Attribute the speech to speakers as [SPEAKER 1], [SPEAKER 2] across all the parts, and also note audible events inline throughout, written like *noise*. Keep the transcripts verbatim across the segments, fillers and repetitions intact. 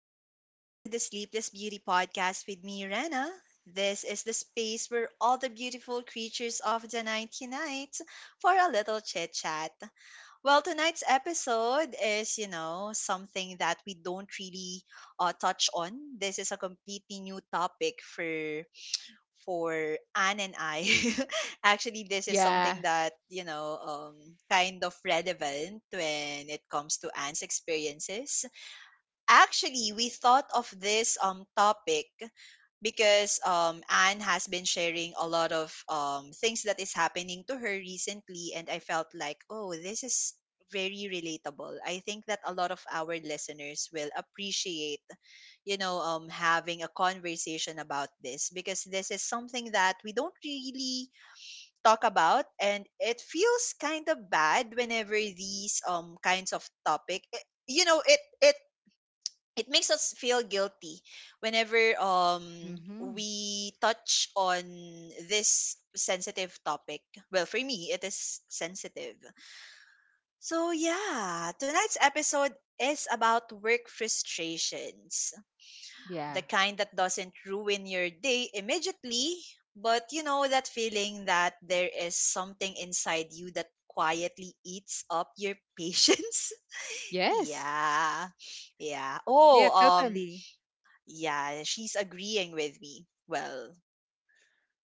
[SPEAKER 1] Welcome back to the Sleepless Beauty Podcast with me, Rena. This is the space where all the beautiful creatures of the night unite for a little chit chat. Well, tonight's episode is, you know, something that we don't really uh, touch on. This is a completely new topic for for Anne and I. *laughs* Actually, this is
[SPEAKER 2] Yeah.
[SPEAKER 1] something that you know, um, kind of relevant when it comes to Anne's experiences. Actually, we thought of this um topic because um Anne has been sharing a lot of um things that is happening to her recently, and I felt like, oh, this is very relatable. I think that a lot of our listeners will appreciate, you know, um having a conversation about this because this is something that we don't really talk about, and it feels kind of bad whenever these um kinds of topic it, you know it it it makes us feel guilty whenever um
[SPEAKER 2] Mhm.
[SPEAKER 1] we touch on this sensitive topic. Well, for me, it is sensitive. So yeah, tonight's episode is about work frustrations,
[SPEAKER 2] Yeah.
[SPEAKER 1] the kind that doesn't ruin your day immediately, but you know that feeling that there is something inside you that quietly eats up your *laughs* patience.
[SPEAKER 2] Yes.
[SPEAKER 1] Yeah. Yeah.
[SPEAKER 2] Yeah,
[SPEAKER 1] Oh, um
[SPEAKER 2] totally.
[SPEAKER 1] yeah, she's agreeing with me. Well,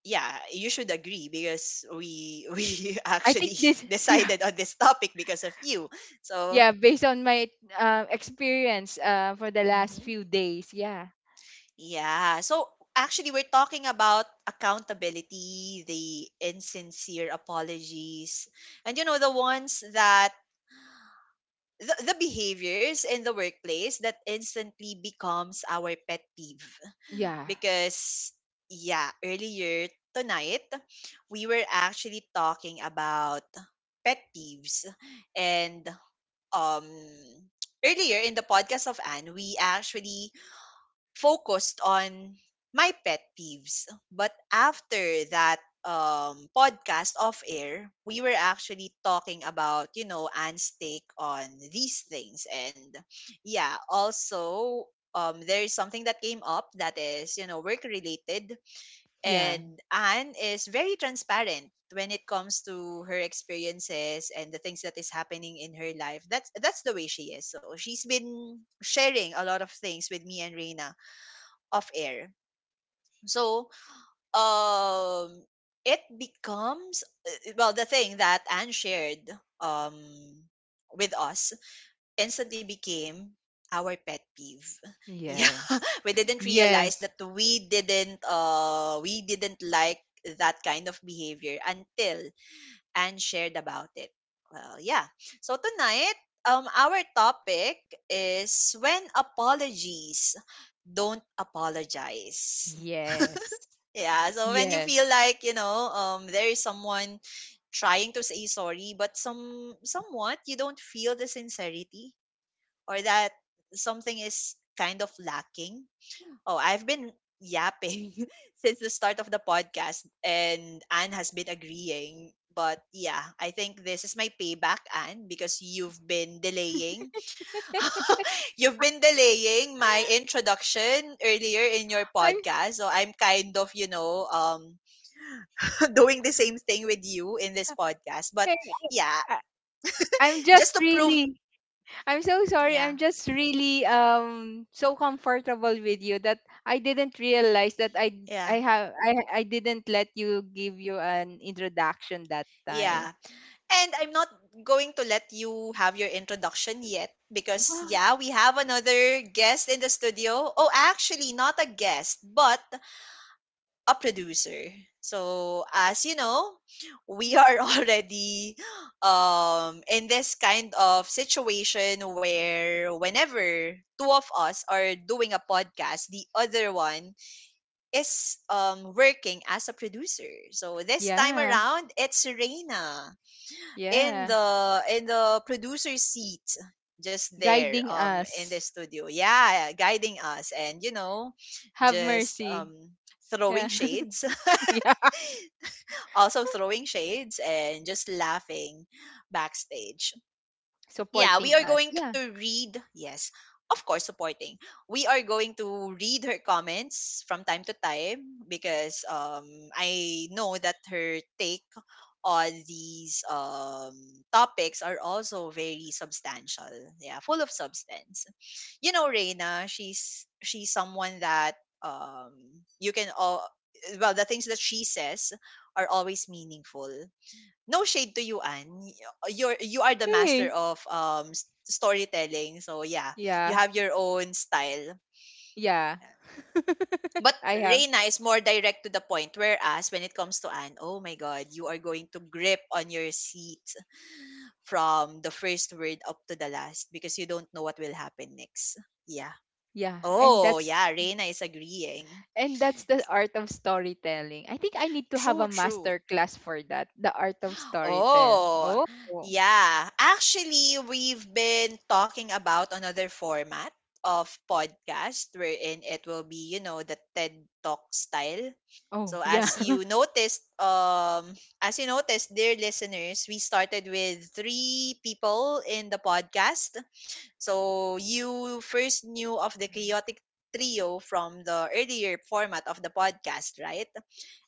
[SPEAKER 1] yeah, you should agree because we *laughs* we
[SPEAKER 2] I think
[SPEAKER 1] actually
[SPEAKER 2] this
[SPEAKER 1] *laughs*
[SPEAKER 2] *laughs* yeah.
[SPEAKER 1] decided on this topic because of you. So,
[SPEAKER 2] Yeah, based on my uh experience uh for the last
[SPEAKER 1] mhm.
[SPEAKER 2] few days. Yeah.
[SPEAKER 1] Yeah. So actually we're talking about accountability, the insincere apologies, and you know the ones that, the, the behaviors in the workplace that instantly becomes our pet peeve
[SPEAKER 2] Yeah.
[SPEAKER 1] because yeah, earlier tonight we were actually talking about pet peeves, and um earlier in the podcast of Anne, we actually focused on my pet peeves. But after that um, podcast off air, we were actually talking about, you know, Anne's take on these things. And yeah, also, um, there is something that came up that is, you know, work related.
[SPEAKER 2] Yeah.
[SPEAKER 1] And Anne is very transparent when it comes to her experiences and the things that is happening in her life. That's that's the way she is, so she's been sharing a lot of things with me and Reina off air. So, um, it becomes uh, well, the thing that Anne shared um with us instantly became our pet peeve. *laughs* Yeah,
[SPEAKER 2] Yes.
[SPEAKER 1] we didn't realize
[SPEAKER 2] Yes.
[SPEAKER 1] that we didn't uh we didn't like that kind of behavior until Anne shared about it. Well, yeah. So tonight, um, our topic is when apologies don't apologize.
[SPEAKER 2] Yes.
[SPEAKER 1] Yeah, so when you
[SPEAKER 2] Yes.
[SPEAKER 1] feel like, you know, um there is someone trying to say sorry, but some somewhat you don't feel the sincerity, or that something is kind of lacking. Oh, I've been yapping *laughs* since the start of the podcast, and Anne has been agreeing. But yeah, I think this is my payback, Anne, because you've been delaying. *laughs* You've been delaying my introduction earlier in your
[SPEAKER 2] I'm
[SPEAKER 1] podcast. So I'm kind of, you know, um *laughs* doing the same thing with you in this podcast. But
[SPEAKER 2] hey,
[SPEAKER 1] yeah,
[SPEAKER 2] I, I'm just
[SPEAKER 1] just to prove,
[SPEAKER 2] really I'm so sorry.
[SPEAKER 1] yeah,
[SPEAKER 2] I'm just really um so comfortable with you that I didn't realize that I I
[SPEAKER 1] yeah,
[SPEAKER 2] have I I didn't let you give you an introduction that time.
[SPEAKER 1] yeah. And I'm not going to let you have your introduction yet because yeah,
[SPEAKER 2] *gasps*
[SPEAKER 1] we have another guest in the studio. Oh, actually, not a guest, but a producer. So, as you know, we are *laughs* already um in this kind of situation where whenever two of us are doing a podcast, the other one is um, working as a producer. So this time
[SPEAKER 2] Yeah,
[SPEAKER 1] around, it's Serena in
[SPEAKER 2] yeah.
[SPEAKER 1] the in the producer seat, just there
[SPEAKER 2] Guiding
[SPEAKER 1] um in the
[SPEAKER 2] us.
[SPEAKER 1] studio. Yeah, guiding us and, you know,
[SPEAKER 2] Have
[SPEAKER 1] just
[SPEAKER 2] mercy.
[SPEAKER 1] um throwing
[SPEAKER 2] Yeah.
[SPEAKER 1] shades,
[SPEAKER 2] *laughs* yeah.
[SPEAKER 1] *laughs* also throwing shades and just laughing backstage. Yeah, we
[SPEAKER 2] Supporting
[SPEAKER 1] are
[SPEAKER 2] us.
[SPEAKER 1] going
[SPEAKER 2] Yeah.
[SPEAKER 1] to read, yes, of course, supporting. We are going to read her comments from time to time because um, I know that her take on these um, topics are also very substantial. Yeah, full of substance. You know, Reina, she's she's someone that, um, you can all well, the things that she says are always meaningful. No shade to you, Anne. Y- uh, You're you are the master
[SPEAKER 2] Hey.
[SPEAKER 1] of um s- storytelling. So yeah, you
[SPEAKER 2] Yeah.
[SPEAKER 1] have your own style.
[SPEAKER 2] Yeah.
[SPEAKER 1] Yeah.
[SPEAKER 2] *laughs*
[SPEAKER 1] But
[SPEAKER 2] I have.
[SPEAKER 1] Reina is more direct to the point. Whereas when it comes to Anne, oh my God, you are going to grip on your seat from the first word up to the last because you don't know what will happen next. Yeah.
[SPEAKER 2] Yeah. And
[SPEAKER 1] Oh
[SPEAKER 2] that's
[SPEAKER 1] yeah, Reina is agreeing.
[SPEAKER 2] And that's the art of storytelling. I think I need to have a
[SPEAKER 1] True,
[SPEAKER 2] master
[SPEAKER 1] true.
[SPEAKER 2] class for that. The art of storytelling.
[SPEAKER 1] Oh,
[SPEAKER 2] Oh.
[SPEAKER 1] yeah. Actually, we've been talking about another format of podcast wherein it will be, you know, the T E D Talk style.
[SPEAKER 2] Oh,
[SPEAKER 1] So,
[SPEAKER 2] yeah.
[SPEAKER 1] as you
[SPEAKER 2] *laughs*
[SPEAKER 1] noticed, um, as you noticed, dear listeners, we started with three people in the podcast. So you first knew of the chaotic trio from the earlier format of the podcast, right?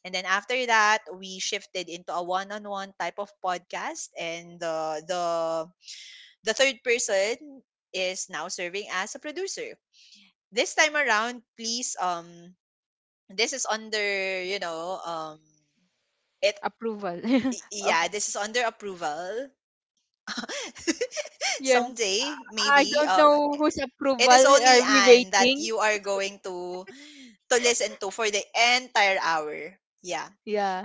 [SPEAKER 1] And then after that, we shifted into a one-on-one type of podcast, and the the the third person is now serving as a producer. This time around, please, um this is under, you know, um it
[SPEAKER 2] approval. *laughs*
[SPEAKER 1] y-
[SPEAKER 2] of,
[SPEAKER 1] yeah, this is under approval. *laughs*
[SPEAKER 2] yeah.
[SPEAKER 1] Someday,
[SPEAKER 2] I I
[SPEAKER 1] maybe
[SPEAKER 2] don't
[SPEAKER 1] um
[SPEAKER 2] know whose
[SPEAKER 1] it is
[SPEAKER 2] approval
[SPEAKER 1] only
[SPEAKER 2] are we
[SPEAKER 1] Anne that
[SPEAKER 2] waiting.
[SPEAKER 1] you are going to to listen to for the entire hour. Yeah.
[SPEAKER 2] Yeah.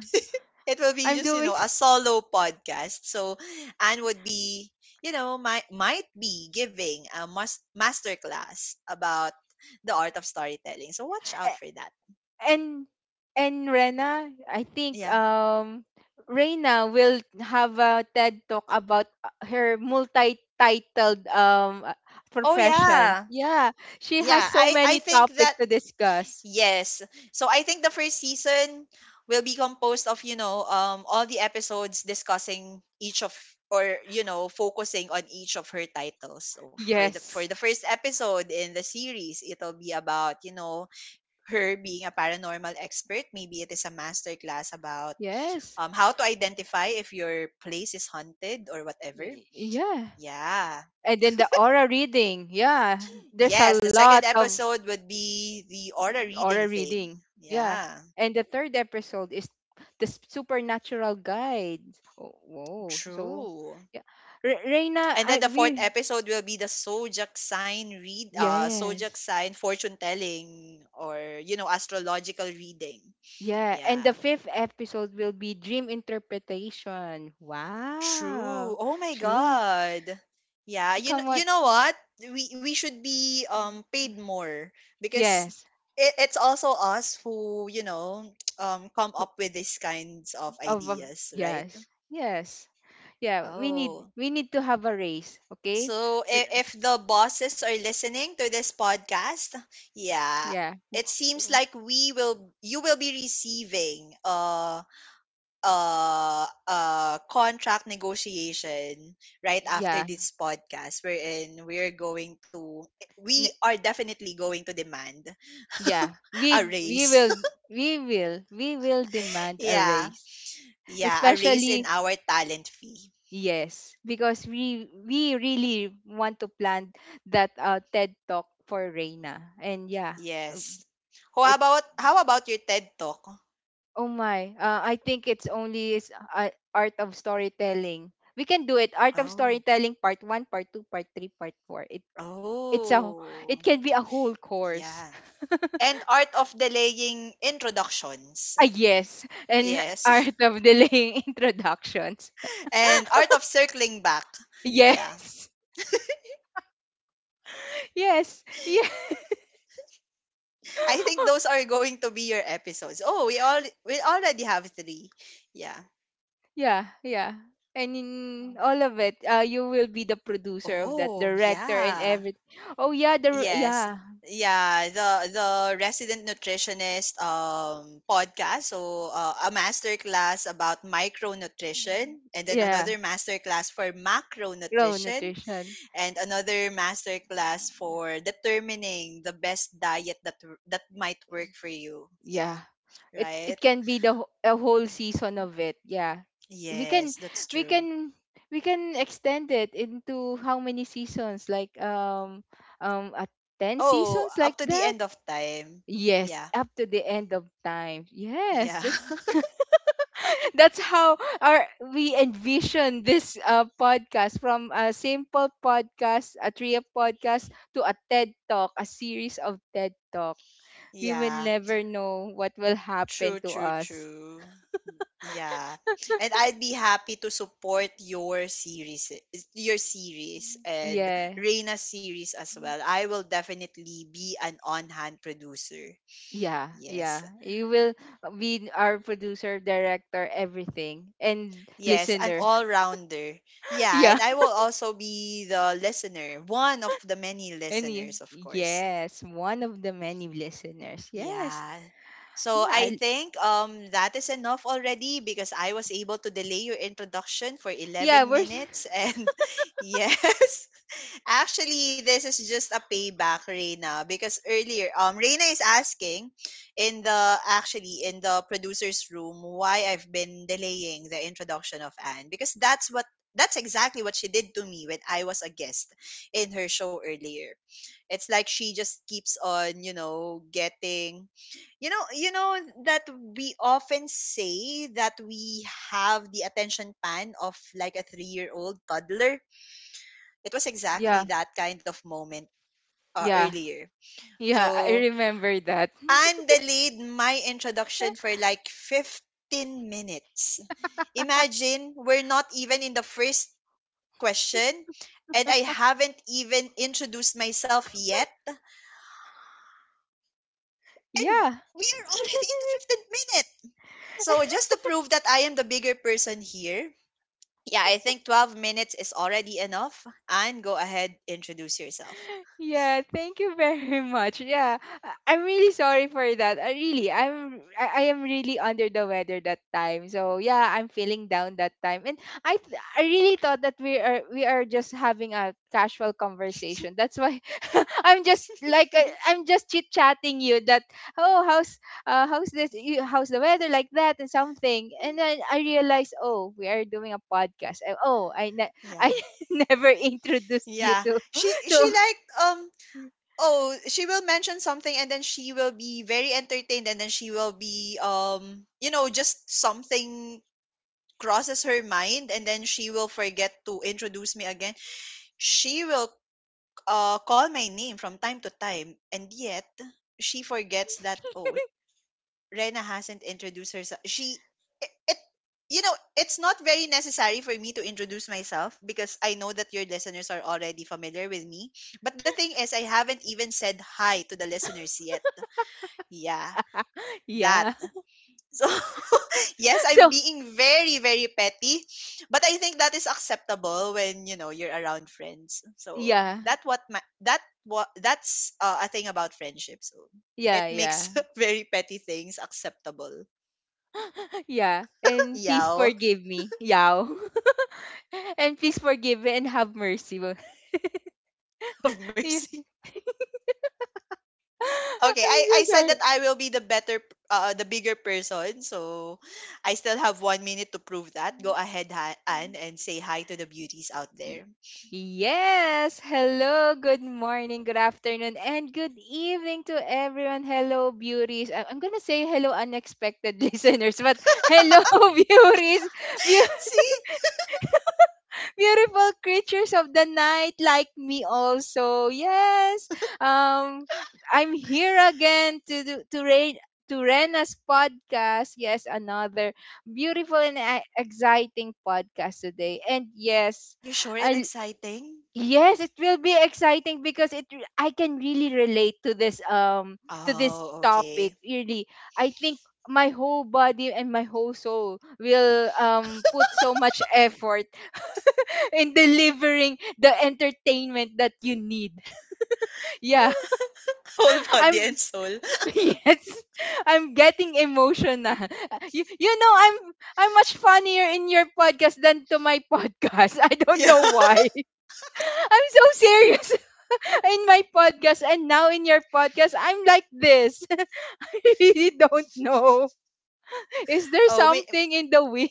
[SPEAKER 1] It will be,
[SPEAKER 2] I'm
[SPEAKER 1] just you
[SPEAKER 2] doing
[SPEAKER 1] know
[SPEAKER 2] s-
[SPEAKER 1] a solo podcast, so Anne would be, you know, might might be giving a must masterclass about the art of storytelling. So watch out for that.
[SPEAKER 2] and and Rena, I think
[SPEAKER 1] Yeah.
[SPEAKER 2] um Reina will have a T E D talk about uh, her multi-titled um uh,
[SPEAKER 1] Oh
[SPEAKER 2] professions.
[SPEAKER 1] yeah.
[SPEAKER 2] Yeah, she has
[SPEAKER 1] Yeah,
[SPEAKER 2] so
[SPEAKER 1] i i
[SPEAKER 2] many
[SPEAKER 1] think
[SPEAKER 2] topics
[SPEAKER 1] that.
[SPEAKER 2] to discuss.
[SPEAKER 1] Yes, so I think the first season will be composed of, you know um all the episodes discussing each of, or, you know, focusing on each of her titles. So for the for
[SPEAKER 2] Yes.
[SPEAKER 1] the first episode in the series, it'll be about, you know, her being a paranormal expert. Maybe it is a master class about,
[SPEAKER 2] Yes.
[SPEAKER 1] um, how to identify if your place is haunted or whatever.
[SPEAKER 2] Y- y- yeah.
[SPEAKER 1] Yeah.
[SPEAKER 2] And then the aura reading. Yeah, there's
[SPEAKER 1] Yes,
[SPEAKER 2] a
[SPEAKER 1] the second
[SPEAKER 2] lot of
[SPEAKER 1] episode would be the aura reading
[SPEAKER 2] aura
[SPEAKER 1] thing.
[SPEAKER 2] reading. Yeah.
[SPEAKER 1] Yeah,
[SPEAKER 2] And the third episode is the s- supernatural guide. Oh, whoa. So,
[SPEAKER 1] true.
[SPEAKER 2] yeah. Re- Reina,
[SPEAKER 1] And then
[SPEAKER 2] I
[SPEAKER 1] the fourth
[SPEAKER 2] we
[SPEAKER 1] episode will be the zodiac sign read, uh, zodiac
[SPEAKER 2] yes.
[SPEAKER 1] sign fortune telling, or, you know, astrological reading.
[SPEAKER 2] Yeah, and the
[SPEAKER 1] Yeah.
[SPEAKER 2] fifth episode will be dream interpretation.
[SPEAKER 1] True.
[SPEAKER 2] Wow.
[SPEAKER 1] Oh my
[SPEAKER 2] True.
[SPEAKER 1] God. Yeah, you know,
[SPEAKER 2] Come
[SPEAKER 1] you
[SPEAKER 2] on.
[SPEAKER 1] know what? We we should be um paid more because
[SPEAKER 2] Yes.
[SPEAKER 1] it, it's also us who, you know, *tsk* um come
[SPEAKER 2] Ho-
[SPEAKER 1] up with these kinds of
[SPEAKER 2] Of, of
[SPEAKER 1] ideas, right?
[SPEAKER 2] yes. Yes. Yeah, we need
[SPEAKER 1] Oh.
[SPEAKER 2] we need to have a race, okay?
[SPEAKER 1] So
[SPEAKER 2] R-
[SPEAKER 1] i- if the bosses are listening to this podcast, yeah,
[SPEAKER 2] Yeah. w-
[SPEAKER 1] it seems
[SPEAKER 2] w-
[SPEAKER 1] like we will you will be receiving uh uh uh contract negotiation right after
[SPEAKER 2] Yeah.
[SPEAKER 1] this podcast, wherein we're going to we are definitely going to demand
[SPEAKER 2] Yeah,
[SPEAKER 1] *laughs* a
[SPEAKER 2] we we
[SPEAKER 1] raise.
[SPEAKER 2] will we will we will
[SPEAKER 1] *laughs*
[SPEAKER 2] demand a
[SPEAKER 1] Yeah.
[SPEAKER 2] raise.
[SPEAKER 1] Yeah, a raise in
[SPEAKER 2] Especially
[SPEAKER 1] our talent fee.
[SPEAKER 2] yes, because we we really want to plan that uh, T E D Talk for Reina. And yeah, uh,
[SPEAKER 1] Yes. How
[SPEAKER 2] it
[SPEAKER 1] about how about your T E D talk?
[SPEAKER 2] oh my, uh, I think it's only is uh, art of storytelling. We can do it. Art of
[SPEAKER 1] Oh.
[SPEAKER 2] storytelling part one, part two, part three, part four. It it's a it
[SPEAKER 1] Oh.
[SPEAKER 2] can be a whole course.
[SPEAKER 1] Yeah. And art of delaying introductions.
[SPEAKER 2] Ah yes, and *laughs*
[SPEAKER 1] Yes.
[SPEAKER 2] art of delaying *laughs* introductions.
[SPEAKER 1] *laughs* And art of circling back. Yeah.
[SPEAKER 2] Yes. Yes. Yeah.
[SPEAKER 1] I think those
[SPEAKER 2] *laughs*
[SPEAKER 1] are going to be your episodes. Oh, we all we already have three. Yeah.
[SPEAKER 2] Yeah, yeah. And in
[SPEAKER 1] Oh.
[SPEAKER 2] all of it, uh, you will be the producer of that,
[SPEAKER 1] Oh,
[SPEAKER 2] director and
[SPEAKER 1] yeah.
[SPEAKER 2] everything. Oh yeah, the
[SPEAKER 1] Yes.
[SPEAKER 2] yeah,
[SPEAKER 1] Yeah, the the resident nutritionist um podcast. So uh, a master class about micronutrition, and then
[SPEAKER 2] yeah,
[SPEAKER 1] another master class for
[SPEAKER 2] raw
[SPEAKER 1] macronutrition,
[SPEAKER 2] nutrition.
[SPEAKER 1] and another master class for determining the best diet that that might work for you. Yeah,
[SPEAKER 2] Yeah, it it
[SPEAKER 1] right?
[SPEAKER 2] can be the wh- a whole season of it. Yeah, we can
[SPEAKER 1] Yes, that's
[SPEAKER 2] we
[SPEAKER 1] true.
[SPEAKER 2] can we can extend it into how many seasons? Like um um at ten
[SPEAKER 1] Oh,
[SPEAKER 2] seasons like
[SPEAKER 1] up to the
[SPEAKER 2] that.
[SPEAKER 1] end of time.
[SPEAKER 2] Yes,
[SPEAKER 1] Yeah.
[SPEAKER 2] up to the end of time. Yes,
[SPEAKER 1] Yeah.
[SPEAKER 2] that
[SPEAKER 1] *laughs*
[SPEAKER 2] *laughs* that's how our we envision this uh, podcast, from a simple podcast, a trio podcast, to a T E D Talk, a series of T E D Talk. We will
[SPEAKER 1] Yeah.
[SPEAKER 2] never know what will happen
[SPEAKER 1] True,
[SPEAKER 2] to
[SPEAKER 1] true,
[SPEAKER 2] us.
[SPEAKER 1] true. Yeah. And I'd be happy to support your series your series and
[SPEAKER 2] Yeah.
[SPEAKER 1] Reina's series as well. I will definitely be an on-hand producer.
[SPEAKER 2] Yeah,
[SPEAKER 1] Yes.
[SPEAKER 2] yeah. You will be our producer, director, everything, and
[SPEAKER 1] Yes, an
[SPEAKER 2] listener.
[SPEAKER 1] all-rounder. Yeah,
[SPEAKER 2] *laughs* yeah.
[SPEAKER 1] and I will also be the listener, one of the many
[SPEAKER 2] And
[SPEAKER 1] listeners,
[SPEAKER 2] you-
[SPEAKER 1] of course.
[SPEAKER 2] yes, one of the many listeners. Yes.
[SPEAKER 1] Yeah. So
[SPEAKER 2] Yeah.
[SPEAKER 1] I
[SPEAKER 2] I-
[SPEAKER 1] think um that is enough already because I was able to delay your introduction for
[SPEAKER 2] Yeah,
[SPEAKER 1] eleven
[SPEAKER 2] we're *laughs* s-
[SPEAKER 1] minutes, and *laughs* yes *laughs* actually this is just a payback, Reina, because earlier, um Reina is asking in the actually in the producer's room why I've been delaying the introduction of Anne because that's what that's exactly what she did to me when I was a guest in her show earlier. It's like she just keeps on, you know, getting you know, you know that we often say that we have the attention span of like a three-year-old toddler. It was exactly
[SPEAKER 2] yeah,
[SPEAKER 1] that kind of moment, uh,
[SPEAKER 2] yeah.
[SPEAKER 1] earlier.
[SPEAKER 2] Yeah, I
[SPEAKER 1] So
[SPEAKER 2] remember that.
[SPEAKER 1] Anne delayed my introduction for
[SPEAKER 2] *laughs*
[SPEAKER 1] like fifteen minutes. Imagine, we're not even in the first question, and I haven't even introduced myself yet, and
[SPEAKER 2] Yeah.
[SPEAKER 1] we are
[SPEAKER 2] *laughs*
[SPEAKER 1] already in the fifteenth minute. So just to prove that I am the bigger person here, yeah, I think twelve minutes is already enough. And go ahead, introduce yourself.
[SPEAKER 2] Yeah, thank you very *laughs* much. Yeah, I- I'm really sorry for that. I really, I'm, I, I am really under the weather that time. So yeah, I'm feeling down that time, and I, th- I really thought that we are, we are just having a casual conversation. That's why *laughs* I'm just like, uh,
[SPEAKER 1] *laughs*
[SPEAKER 2] I'm just chit chatting you that, oh, how's, uh, how's this, you, how's the weather, like that and something, and then I realized, oh, we are doing a podcast. And, oh, I, ne- *laughs*
[SPEAKER 1] Yeah.
[SPEAKER 2] I never introduced you
[SPEAKER 1] Yeah.
[SPEAKER 2] to
[SPEAKER 1] She
[SPEAKER 2] *laughs*
[SPEAKER 1] she
[SPEAKER 2] to.
[SPEAKER 1] like, um oh, she will mention something, and then she will be very entertained, and then she will be um you know, just something crosses her mind, and then she will forget to introduce me again. She will uh call my name from time to time, and yet she forgets that, oh, Rena hasn't introduced herself. She it, it you know, it's not very necessary for me to introduce myself because I know that your listeners are already familiar with me. But the thing is, I haven't even said hi to the listeners yet. Yeah, that.
[SPEAKER 2] Yeah. *laughs*
[SPEAKER 1] So *laughs* yes, I'm
[SPEAKER 2] So,
[SPEAKER 1] being very very petty, but I think that is acceptable when, you know, you're around friends. So
[SPEAKER 2] yeah.
[SPEAKER 1] that what my that what that's uh, a thing about friendship. So it
[SPEAKER 2] Yeah,
[SPEAKER 1] makes
[SPEAKER 2] yeah.
[SPEAKER 1] *laughs* very petty things acceptable.
[SPEAKER 2] Yeah. And please
[SPEAKER 1] Yow
[SPEAKER 2] forgive me. Yao. *laughs* And please forgive me and have mercy. *laughs* Wo-
[SPEAKER 1] *laughs* of
[SPEAKER 2] Yeah.
[SPEAKER 1] mercy.
[SPEAKER 2] *laughs*
[SPEAKER 1] Okay, I,
[SPEAKER 2] I'm
[SPEAKER 1] I
[SPEAKER 2] so
[SPEAKER 1] said that
[SPEAKER 2] sorry.
[SPEAKER 1] I will be the better, uh, the bigger person. So I still have one minute to prove that. Go ahead, ha- Anne, and say hi to the beauties out
[SPEAKER 2] Y-
[SPEAKER 1] there.
[SPEAKER 2] Yes. Hello. Good morning, good afternoon, and good evening to everyone. Hello, beauties. I- I'm going to say hello, unexpected *laughs* listeners, but hello, *laughs* beauties.
[SPEAKER 1] *laughs* See?
[SPEAKER 2] Beautiful creatures of the night like me, also yes, um I'm here again to do, to rain to Rena's podcast. Yes, another beautiful and e- exciting podcast today. And
[SPEAKER 1] Are
[SPEAKER 2] yes,
[SPEAKER 1] you sure it's
[SPEAKER 2] I,
[SPEAKER 1] exciting?
[SPEAKER 2] yes, it will be exciting because it re- I can really relate to this um to this
[SPEAKER 1] Oh, okay.
[SPEAKER 2] topic. Really, I think my whole body and my whole soul will um put so much effort in delivering the entertainment that you need. *laughs* Yeah.
[SPEAKER 1] *laughs* Whole
[SPEAKER 2] *laughs* I'm
[SPEAKER 1] body and soul. *laughs*
[SPEAKER 2] *laughs* yes. I'm getting emotional. *laughs* You, you know I'm I'm much funnier in your podcast than to my podcast. *laughs* I don't
[SPEAKER 1] Yeah.
[SPEAKER 2] know why. *laughs* I'm so serious *laughs* in my podcast, and now in your podcast I'm like this. *laughs* I really don't know. Is there
[SPEAKER 1] Oh, may-
[SPEAKER 2] something in the wind?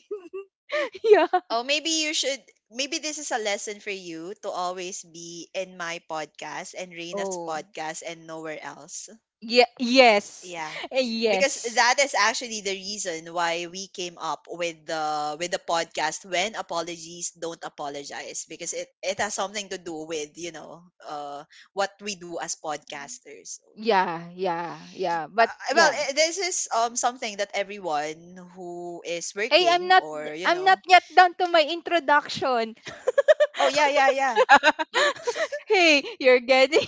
[SPEAKER 2] *laughs* yeah.
[SPEAKER 1] oh, maybe you should. Maybe this is a lesson for you to always be in my podcast and Reina's
[SPEAKER 2] Oh.
[SPEAKER 1] podcast and nowhere else.
[SPEAKER 2] Yeah, yes.
[SPEAKER 1] Yeah.
[SPEAKER 2] Eh,
[SPEAKER 1] Because
[SPEAKER 2] yes.
[SPEAKER 1] that is actually the reason why we came up with the with the podcast when apologies don't apologize, because it it has something to do with, you know, uh what we do as podcasters.
[SPEAKER 2] Yeah, yeah, yeah.
[SPEAKER 1] Uh,
[SPEAKER 2] But
[SPEAKER 1] well,
[SPEAKER 2] yeah,
[SPEAKER 1] eh, this is um something that everyone who is
[SPEAKER 2] hey, I'm
[SPEAKER 1] working
[SPEAKER 2] not
[SPEAKER 1] or, you
[SPEAKER 2] I'm not
[SPEAKER 1] know,
[SPEAKER 2] yet done to my introduction.
[SPEAKER 1] oh yeah, yeah, yeah.
[SPEAKER 2] *laughs* Hey, you're getting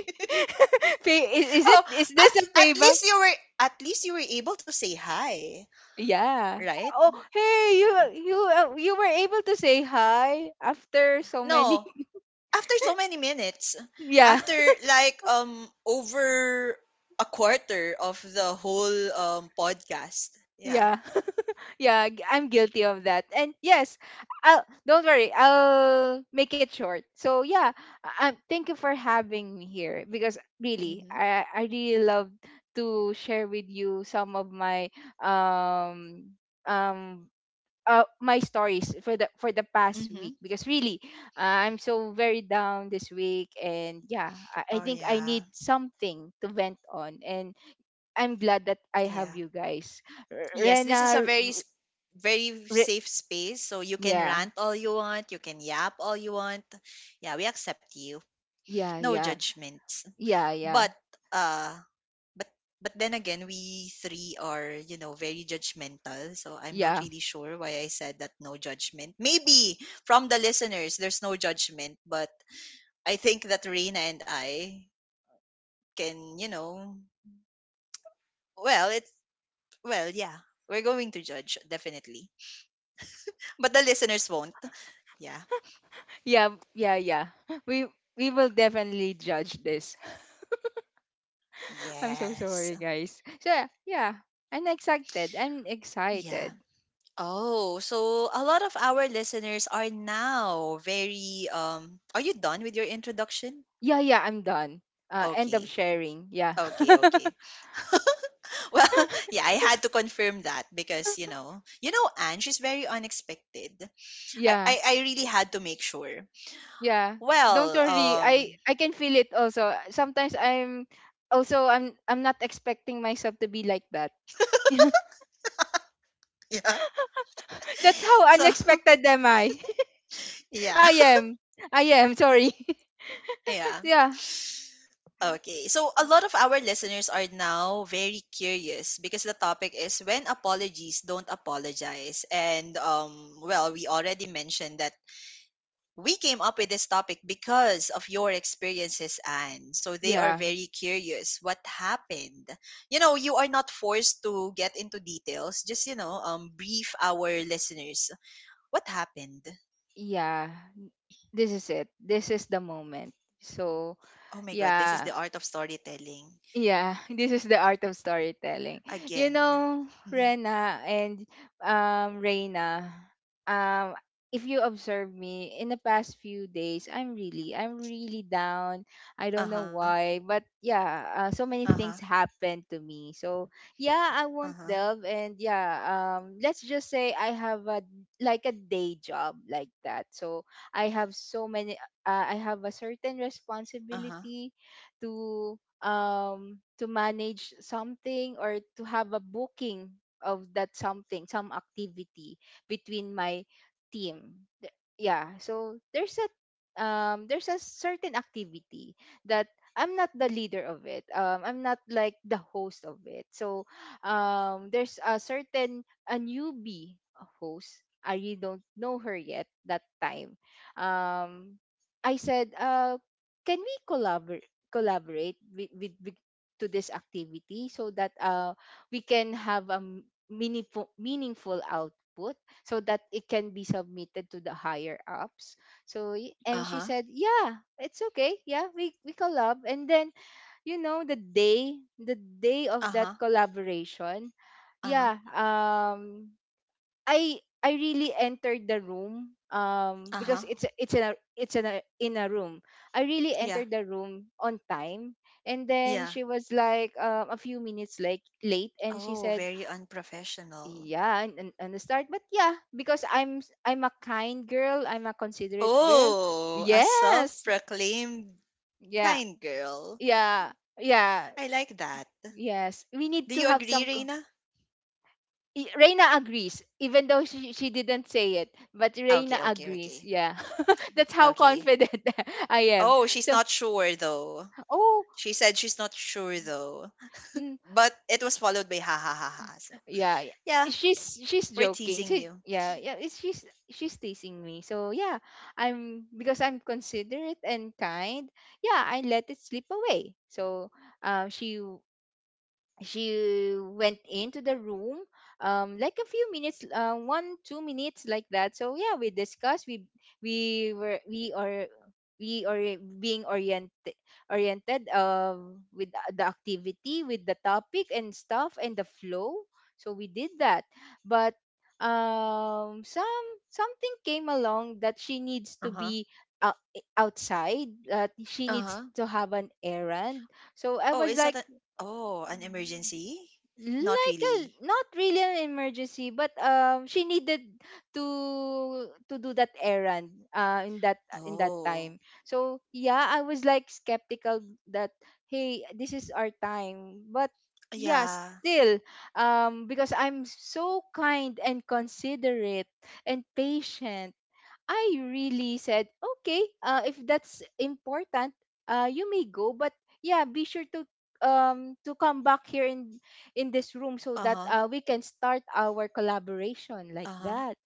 [SPEAKER 2] *laughs* pay Is is it
[SPEAKER 1] Oh,
[SPEAKER 2] is
[SPEAKER 1] at
[SPEAKER 2] this a
[SPEAKER 1] at
[SPEAKER 2] payback?
[SPEAKER 1] least you were at least you were able to say hi,
[SPEAKER 2] Yeah.
[SPEAKER 1] right?
[SPEAKER 2] Oh, hey, you you, uh, you were able to say hi after so many.
[SPEAKER 1] No, after so many minutes,
[SPEAKER 2] *laughs* Yeah.
[SPEAKER 1] after like um over a quarter of the whole um podcast. Yeah.
[SPEAKER 2] Yeah. *laughs* yeah, g- I'm guilty of that. And yes, I'll don't worry, I'll make it short. So yeah, um thank you for having me here, because really
[SPEAKER 1] Mhm.
[SPEAKER 2] I I really love to share with you some of my um um uh, my stories for the for the past
[SPEAKER 1] Mhm.
[SPEAKER 2] week, because really uh, I'm so very down this week, and yeah, I, I
[SPEAKER 1] Oh
[SPEAKER 2] think I
[SPEAKER 1] yeah.
[SPEAKER 2] need something to vent on, and I'm glad that I have
[SPEAKER 1] Yeah.
[SPEAKER 2] you guys. R-
[SPEAKER 1] Yes, this is a
[SPEAKER 2] Rena, R-
[SPEAKER 1] very s- very
[SPEAKER 2] Re-
[SPEAKER 1] safe space, so you can
[SPEAKER 2] yeah,
[SPEAKER 1] rant all you want, you can yap all you want. Yeah, we accept you.
[SPEAKER 2] yeah,
[SPEAKER 1] No
[SPEAKER 2] yeah,
[SPEAKER 1] judgments.
[SPEAKER 2] yeah,
[SPEAKER 1] But
[SPEAKER 2] yeah,
[SPEAKER 1] uh but but then again, we three are, you know, very judgmental, so I'm not
[SPEAKER 2] yeah,
[SPEAKER 1] really sure why I said that no judgment. Maybe from the listeners there's no judgment, but I think that Reina and I can, you know, well it's well yeah, we're going to judge, definitely, but the listeners won't. Yeah.
[SPEAKER 2] yeah, yeah, yeah. *laughs* We we will definitely judge this. *laughs* I'm so
[SPEAKER 1] Yes.
[SPEAKER 2] sorry, guys. So yeah, yeah. I'm excited. I'm
[SPEAKER 1] Yeah.
[SPEAKER 2] excited.
[SPEAKER 1] Oh, so a lot of our listeners are now very um are you done with your introduction?
[SPEAKER 2] Yeah, yeah, I'm done. Uh, end of
[SPEAKER 1] Okay.
[SPEAKER 2] sharing. Yeah,
[SPEAKER 1] Okay,
[SPEAKER 2] *laughs*
[SPEAKER 1] okay. Well, *laughs* yeah, I had to confirm that because, you know, you know, Anne, she's very unexpected. I,
[SPEAKER 2] yeah,
[SPEAKER 1] I, I really had to make sure.
[SPEAKER 2] yeah. Don't
[SPEAKER 1] Well,
[SPEAKER 2] worry. I
[SPEAKER 1] um,
[SPEAKER 2] I can feel it also. Sometimes I'm also I'm I'm not expecting myself to be like that. *laughs*
[SPEAKER 1] *laughs* yeah.
[SPEAKER 2] That's how
[SPEAKER 1] So
[SPEAKER 2] unexpected am I. *laughs*
[SPEAKER 1] yeah,
[SPEAKER 2] I am. I am. Sorry.
[SPEAKER 1] *laughs* yeah.
[SPEAKER 2] *laughs* yeah.
[SPEAKER 1] Okay, so a lot of our listeners are now very curious because the topic is when apologies don't apologize, and um, well, we already mentioned that we came up with this topic because of your experiences, Anne. So they are
[SPEAKER 2] Yeah.
[SPEAKER 1] very curious what happened. You know, you are not forced to get into details. Just, you know, um, brief our listeners. What happened?
[SPEAKER 2] Yeah. This is it. This is the moment. So,
[SPEAKER 1] Oh my God, this is the
[SPEAKER 2] yeah,
[SPEAKER 1] art of storytelling
[SPEAKER 2] yeah, this is the art of storytelling. You
[SPEAKER 1] again.
[SPEAKER 2] know, Rena and um Reina, um if you observe me in the past few days, I'm really I'm really down. I
[SPEAKER 1] *laughs* Uh
[SPEAKER 2] don't know
[SPEAKER 1] huh.
[SPEAKER 2] why, but yeah, uh, so
[SPEAKER 1] Uh
[SPEAKER 2] many
[SPEAKER 1] huh.
[SPEAKER 2] things happened to me. So, yeah, I
[SPEAKER 1] Uh
[SPEAKER 2] won't
[SPEAKER 1] huh.
[SPEAKER 2] delve, and yeah, um let's just say I have a like a day job, like that. So, I have so many uh, I have a certain
[SPEAKER 1] Uh huh.
[SPEAKER 2] responsibility to um, to manage something, or to have a booking of that something, some activity between my team. Th- Yeah, so there's a um, there's a certain activity that I'm not the leader of. It. Um, I'm not like the host of it. So um, there's a certain a newbie host. I really don't know her yet that time. Um, I said, uh, can we collaborate? collaborate with, with, with to this activity, so that uh, we can have a m- meaningful meaningful output so that it can be submitted to the higher ups. So y-
[SPEAKER 1] Uh
[SPEAKER 2] and she
[SPEAKER 1] huh.
[SPEAKER 2] said, yeah, it's okay, yeah, we we collab. And then, you know, the day the day
[SPEAKER 1] Uh
[SPEAKER 2] of
[SPEAKER 1] huh.
[SPEAKER 2] that collaboration,
[SPEAKER 1] Uh huh.
[SPEAKER 2] yeah, um I I really entered the room, um
[SPEAKER 1] Uh huh.
[SPEAKER 2] because it's a- it's in a it's in a in a room. I really
[SPEAKER 1] Yeah,
[SPEAKER 2] entered the room on time, and then
[SPEAKER 1] yeah.
[SPEAKER 2] she was like, um, a few minutes like late, and she
[SPEAKER 1] Oh,
[SPEAKER 2] said,
[SPEAKER 1] very unprofessional.
[SPEAKER 2] yeah, and, and, and the start. But yeah, because I'm s- I'm a kind girl, I'm a considerate girl.
[SPEAKER 1] Oh, a self
[SPEAKER 2] Yes.
[SPEAKER 1] proclaimed
[SPEAKER 2] Yeah.
[SPEAKER 1] kind girl.
[SPEAKER 2] Yeah. Yeah.
[SPEAKER 1] I like that.
[SPEAKER 2] Yes, we need
[SPEAKER 1] Do
[SPEAKER 2] to
[SPEAKER 1] you
[SPEAKER 2] have
[SPEAKER 1] agree,
[SPEAKER 2] some co-
[SPEAKER 1] Reina?
[SPEAKER 2] I- Reina agrees. Even though she, she didn't say it, but Reina
[SPEAKER 1] Okay, okay,
[SPEAKER 2] agrees,
[SPEAKER 1] okay.
[SPEAKER 2] yeah. That's how
[SPEAKER 1] Okay.
[SPEAKER 2] confident *laughs* I am.
[SPEAKER 1] Oh, she's
[SPEAKER 2] So,
[SPEAKER 1] not sure though.
[SPEAKER 2] oh,
[SPEAKER 1] She said she's not sure though.
[SPEAKER 2] mm,
[SPEAKER 1] But it was followed by ha ha ha ha. So,
[SPEAKER 2] yeah, yeah.
[SPEAKER 1] yeah,
[SPEAKER 2] She's she's
[SPEAKER 1] we're
[SPEAKER 2] joking.
[SPEAKER 1] teasing
[SPEAKER 2] She,
[SPEAKER 1] you.
[SPEAKER 2] yeah, yeah, it's- she's she's teasing me. So yeah, I'm because I'm considerate and kind. Yeah, I let it slip away. So, um, she she went into the room um like a few minutes, uh, one two minutes like that. So yeah, we discussed we we were we are we are being oriented oriented, um with the activity, with the topic and stuff, and the flow. So we did that, but um some something came along, that she needs to
[SPEAKER 1] Uh huh.
[SPEAKER 2] be out, outside, that she
[SPEAKER 1] Uh
[SPEAKER 2] needs
[SPEAKER 1] huh.
[SPEAKER 2] to have an errand. So I
[SPEAKER 1] Oh, is
[SPEAKER 2] was
[SPEAKER 1] that a.
[SPEAKER 2] like,
[SPEAKER 1] Oh, an emergency?
[SPEAKER 2] mm,
[SPEAKER 1] Not
[SPEAKER 2] like a,
[SPEAKER 1] really.
[SPEAKER 2] not really an emergency, but um she needed to to do that errand uh in that in that time.
[SPEAKER 1] Oh,
[SPEAKER 2] So yeah, I was like skeptical, that hey, this is our time, but yeah,
[SPEAKER 1] yeah.
[SPEAKER 2] still, um because I'm so kind and considerate and patient, I really said, okay, uh, if that's important, uh, you may go, but yeah, be sure to um to come back here in in this room so
[SPEAKER 1] Uh
[SPEAKER 2] that
[SPEAKER 1] huh.
[SPEAKER 2] uh, we can start our collaboration, like
[SPEAKER 1] Uh huh.
[SPEAKER 2] that.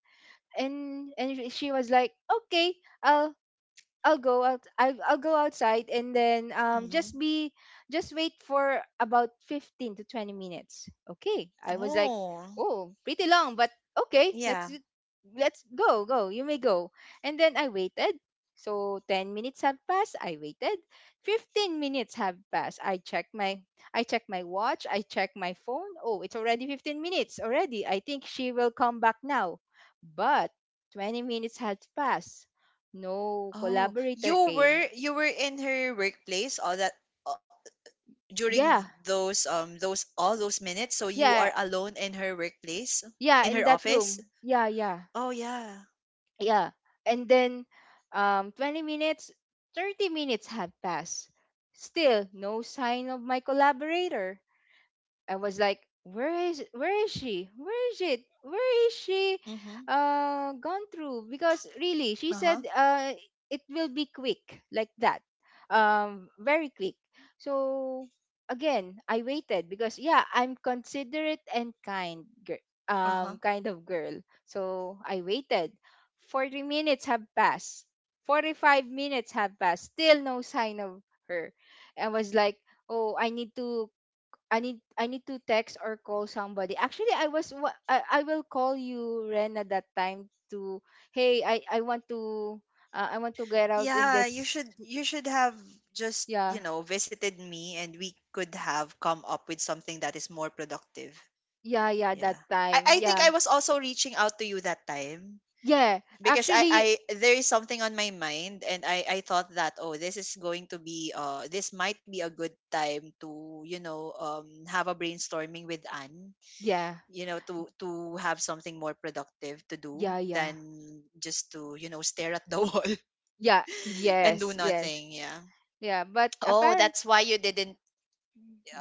[SPEAKER 2] And and she was like, okay, I'll. I'll go out. I'll, I'll go outside, and then um
[SPEAKER 1] Mm-hmm.
[SPEAKER 2] just be just wait for about fifteen to twenty minutes. Okay, I was like,
[SPEAKER 1] Oh,
[SPEAKER 2] oh, pretty long, but okay, let's
[SPEAKER 1] yeah.
[SPEAKER 2] do- let's go go. You may go. And then I waited. So ten minutes have passed. I waited. Fifteen minutes have passed. I check my I check my watch. I check my phone. Oh, it's already fifteen minutes already. I think she will come back now, but twenty minutes has passed. No,
[SPEAKER 1] Oh,
[SPEAKER 2] collaborator
[SPEAKER 1] you
[SPEAKER 2] came.
[SPEAKER 1] were you were in her workplace all that during
[SPEAKER 2] Yeah,
[SPEAKER 1] those um those, all those minutes, so you are
[SPEAKER 2] yeah,
[SPEAKER 1] alone in her workplace,
[SPEAKER 2] yeah,
[SPEAKER 1] in
[SPEAKER 2] in
[SPEAKER 1] her
[SPEAKER 2] that
[SPEAKER 1] office.
[SPEAKER 2] room. Yeah, yeah,
[SPEAKER 1] Oh yeah.
[SPEAKER 2] yeah. And then um twenty minutes, thirty minutes had passed. Still no sign of my collaborator. I was like, where is where is she? Where is it? Where is she
[SPEAKER 1] Mhm.
[SPEAKER 2] uh gone through? Because really, she
[SPEAKER 1] Uh-huh.
[SPEAKER 2] said uh it will be quick like that. Um very quick. So again, I waited because yeah, I'm considerate and kind girl,
[SPEAKER 1] Uh-huh.
[SPEAKER 2] um kind of girl. So I waited. forty minutes have passed. forty-five minutes have passed. Still no sign of her. I was like, "Oh, I need to I need I need to text or call somebody. Actually, I was wa- I, I will call you Ren at that time to hey I I want to uh, I want to get out in
[SPEAKER 1] Yeah, you
[SPEAKER 2] this."
[SPEAKER 1] should you should have just
[SPEAKER 2] Yeah,
[SPEAKER 1] you know visited me, and we could have come up with something that is more productive.
[SPEAKER 2] yeah, yeah,
[SPEAKER 1] Yeah,
[SPEAKER 2] that time.
[SPEAKER 1] i i think
[SPEAKER 2] Yeah,
[SPEAKER 1] I was also reaching out to you that time
[SPEAKER 2] yeah.
[SPEAKER 1] because I, I
[SPEAKER 2] Actually.
[SPEAKER 1] there is something on my mind, and I, I thought that, oh, this is going to be uh this might be a good time to you know um have a brainstorming with Anne,
[SPEAKER 2] Yeah,
[SPEAKER 1] you know to to have something more productive to do
[SPEAKER 2] yeah, yeah,
[SPEAKER 1] than just to you know stare at the *laughs* wall
[SPEAKER 2] yeah,
[SPEAKER 1] and do
[SPEAKER 2] yes, yes.
[SPEAKER 1] nothing. Yeah.
[SPEAKER 2] Yeah, but
[SPEAKER 1] Oh,
[SPEAKER 2] apparent
[SPEAKER 1] that's why you didn't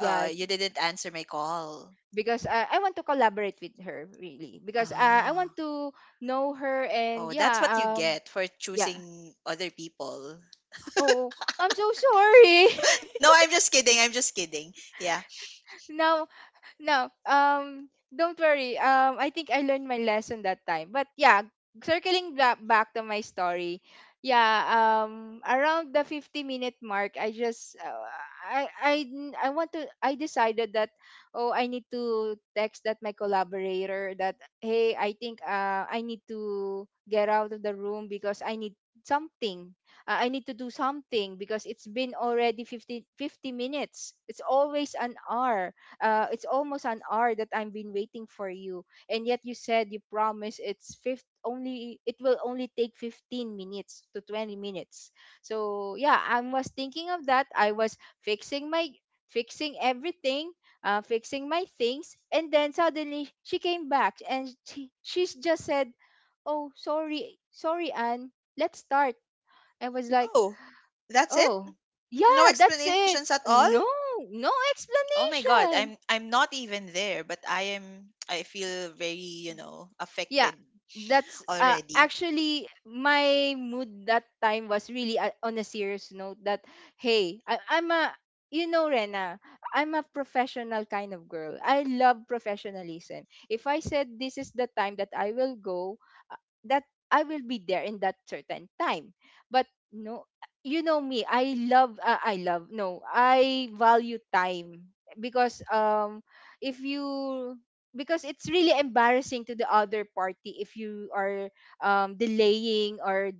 [SPEAKER 1] uh you didn't answer my call.
[SPEAKER 2] because I I want to collaborate with her really, because uh, I want
[SPEAKER 1] Ah,
[SPEAKER 2] to know her. And
[SPEAKER 1] oh,
[SPEAKER 2] yeah,
[SPEAKER 1] that's what you
[SPEAKER 2] um
[SPEAKER 1] get for
[SPEAKER 2] yeah.
[SPEAKER 1] choosing other people.
[SPEAKER 2] Oh, I'm so sorry.
[SPEAKER 1] *laughs* No, I'm just kidding, I'm just kidding. Yeah.
[SPEAKER 2] *laughs* Now. No, um, don't worry. Um, I think I learned my lesson that time. But yeah, circling back back to my story. Yeah, um, around the fifty minute mark, I just uh, I I n- I want to I decided that oh, I need to text that my collaborator that hey, I think uh I need to get out of the room because I need something. Uh, I need to do something because it's been already fifty fifty minutes. It's always an hour, uh, it's almost an hour that I've been waiting for you, and yet you said you promise it's fifth only it will only take fifteen minutes to twenty minutes. So yeah, I was thinking of that. I was fixing my fixing everything, uh, fixing my things, and then suddenly she came back and she she's just said, "Oh, sorry, sorry, Anne. Let's start." I was like,
[SPEAKER 1] Oh, that's it?
[SPEAKER 2] "Oh,
[SPEAKER 1] No
[SPEAKER 2] yeah, that's
[SPEAKER 1] explanations
[SPEAKER 2] it."
[SPEAKER 1] at all?
[SPEAKER 2] No, no
[SPEAKER 1] Oh my god, I'm
[SPEAKER 2] explanation.
[SPEAKER 1] I'm not even there, but I am I feel very, you know,
[SPEAKER 2] Yeah,
[SPEAKER 1] affected
[SPEAKER 2] that's uh,
[SPEAKER 1] already.
[SPEAKER 2] actually my mood that time was really uh, on a serious note that hey, I, I'm a, you know Rena, I'm a professional kind of girl. I love professionalism. If I said this is the time that i will go uh, that I will be there in that certain time. But no, you know me, I love, uh, i love no, I value time. Because um if you. Because it's really embarrassing to the other party if you are, um, delaying or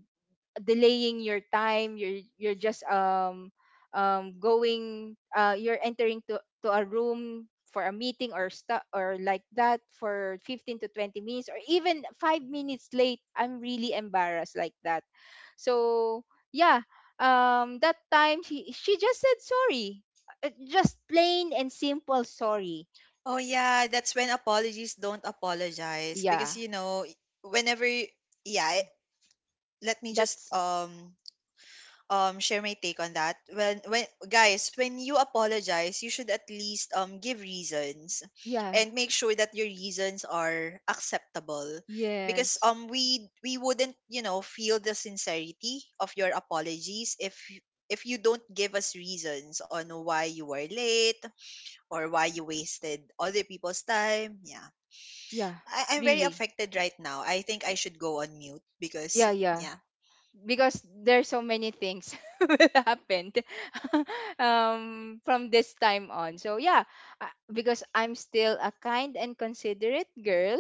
[SPEAKER 2] delaying your time. You're you're just um um going uh you're entering to to a room for a meeting or stuff or like that for fifteen to twenty minutes or even five minutes late. I'm really embarrassed like that. So yeah, um that time she she just said sorry. Uh, just plain and simple sorry.
[SPEAKER 1] Oh yeah, that's when apologies don't apologize, because
[SPEAKER 2] yeah
[SPEAKER 1] you know whenever y- yeah, I- let me just
[SPEAKER 2] that's
[SPEAKER 1] um um share my take on that. When when guys, when you apologize, you should at least um give reasons
[SPEAKER 2] Yeah.
[SPEAKER 1] and make sure that your reasons are acceptable, because
[SPEAKER 2] Yes.
[SPEAKER 1] um we we wouldn't, you know, feel the sincerity of your apologies if y- if you don't give us reasons on why you were late or why you wasted other people's time. Yeah.
[SPEAKER 2] Yeah.
[SPEAKER 1] I, I'm very
[SPEAKER 2] Really.
[SPEAKER 1] affected right now. I think
[SPEAKER 2] Y-
[SPEAKER 1] I should go on mute because
[SPEAKER 2] Yeah, yeah.
[SPEAKER 1] yeah.
[SPEAKER 2] Because there's so many things *laughs* will happen, *laughs* um, from this time on. So yeah, uh, because I'm still a kind and considerate girl,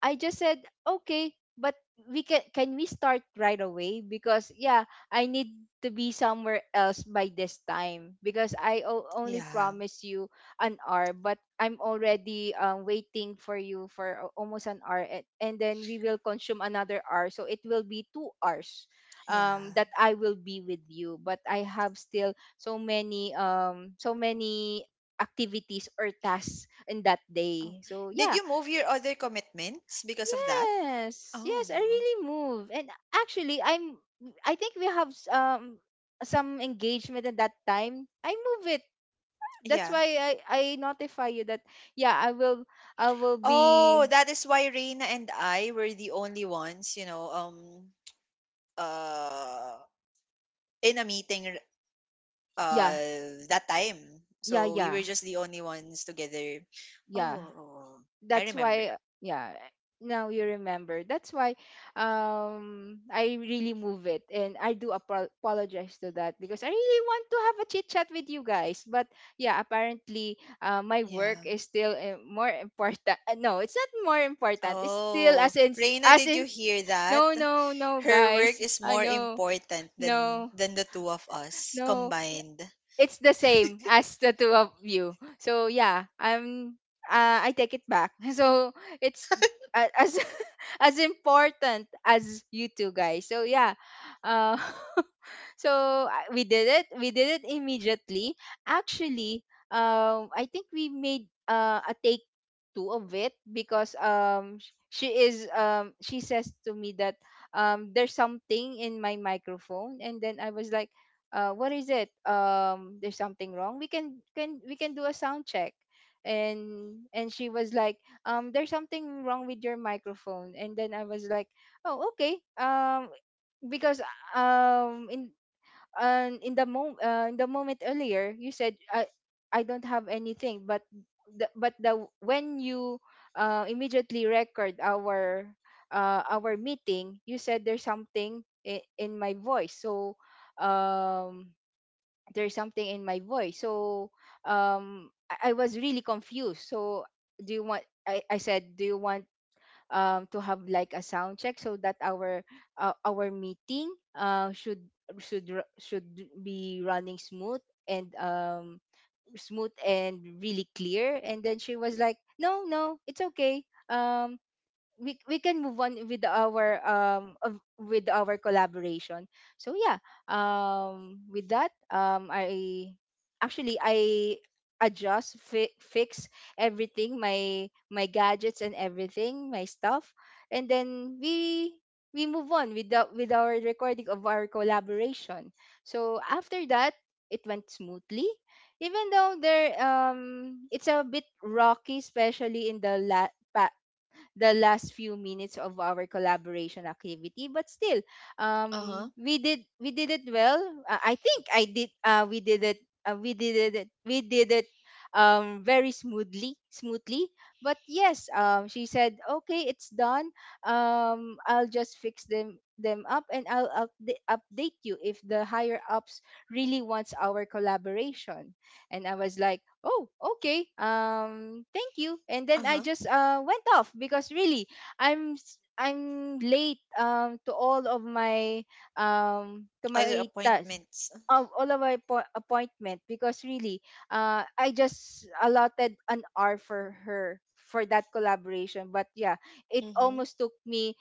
[SPEAKER 2] I just said, okay, but, we can can we start right away? Because yeah, I need to be somewhere else by this time because I o- only
[SPEAKER 1] Yeah.
[SPEAKER 2] promise you an hour, but I'm already, um, waiting for you for a- almost an hour, and, and then we will consume another hour, so it will be two hours, um
[SPEAKER 1] Yeah.
[SPEAKER 2] that I will be with you, but I have still so many, um so many activities or tasks in that
[SPEAKER 1] Oh,
[SPEAKER 2] day. So
[SPEAKER 1] did
[SPEAKER 2] yeah,
[SPEAKER 1] you move your other commitments because of that?
[SPEAKER 2] yes, yes, I
[SPEAKER 1] Oh,
[SPEAKER 2] really move. And actually, I'm I think we have s- um some engagement at that time. I move it.
[SPEAKER 1] yeah.
[SPEAKER 2] That's why I I notify you that yeah, I will I will
[SPEAKER 1] Oh,
[SPEAKER 2] be.
[SPEAKER 1] that is why Reina and I were the only ones, you know, um, uh, in a meeting, r-
[SPEAKER 2] Yeah,
[SPEAKER 1] uh, that time.
[SPEAKER 2] yeah,
[SPEAKER 1] So we
[SPEAKER 2] yeah.
[SPEAKER 1] were just the only ones together.
[SPEAKER 2] Yeah.
[SPEAKER 1] Oh, I
[SPEAKER 2] That's
[SPEAKER 1] remember.
[SPEAKER 2] why, yeah, now you remember. That's why um I really move it, and I do apo- apologize to that because I really want to have a chit chat with you guys. But yeah, apparently, uh, my work
[SPEAKER 1] Yeah.
[SPEAKER 2] is still, uh, more important. Uh, *laughs* no, it's not more important. It's still
[SPEAKER 1] Oh,
[SPEAKER 2] as in
[SPEAKER 1] Reina,
[SPEAKER 2] as
[SPEAKER 1] did you
[SPEAKER 2] in
[SPEAKER 1] hear that?
[SPEAKER 2] no, no, no,
[SPEAKER 1] Her work
[SPEAKER 2] guys,
[SPEAKER 1] is
[SPEAKER 2] I
[SPEAKER 1] more
[SPEAKER 2] know.
[SPEAKER 1] important than
[SPEAKER 2] No,
[SPEAKER 1] than the two of us
[SPEAKER 2] no,
[SPEAKER 1] combined.
[SPEAKER 2] it's the same as the two of you. So yeah, I'm uh, I take it back. *laughs* So it's a- as *laughs* as important as you two guys. So yeah, uh, *laughs* So, I- we did it. We did it immediately. Actually, um, I think we made, uh, a take two of it, because um sh- she is, um she says to me that um there's something in my microphone. And then I was like, uh what is it? Um there's something wrong. We can can we can do a sound check. And and she was like, um there's something wrong with your microphone. And then I was like, oh, okay, um because, um in um in the mo uh, in the moment earlier you said I I don't have anything, but the, but the when you, uh, immediately record our, uh, our meeting, you said there's something in, in my voice. So um there's something in my voice so um I, I was really confused. So do you want? I, I said do you want, um, to have like a sound check so that our, uh, our meeting, uh, should should ru- should be running smooth and um, smooth and really clear. And then she was like, "No, no, it's okay. Um, we we can move on with our um of, with our collaboration." So yeah, um with that, um I actually I adjust, fi- fix everything, my my gadgets, and everything, my stuff. And then we we move on with the, with our recording of our collaboration. So after that, it went smoothly, even though there um it's a bit rocky, especially in the la- pa- the last few minutes of our collaboration activity, but still,
[SPEAKER 1] Uh
[SPEAKER 2] um
[SPEAKER 1] huh.
[SPEAKER 2] we did we did it well. Uh, i think i did uh, we did it. uh, we did it we did it um very smoothly smoothly. But yes, um she said, okay, it's done. um I'll just fix them them up, and I'll upda- update you if the higher ups really wants our collaboration. And I was like, oh, okay, um thank you. And then I
[SPEAKER 1] Uh
[SPEAKER 2] just uh went off because really, i'm s- I'm late, um to all of my um to
[SPEAKER 1] Other
[SPEAKER 2] my tasks.
[SPEAKER 1] appointments.
[SPEAKER 2] Of all of my appo- appointment, because really, uh I just allotted an hour for her for that collaboration, but yeah, it
[SPEAKER 1] Mhm,
[SPEAKER 2] almost took me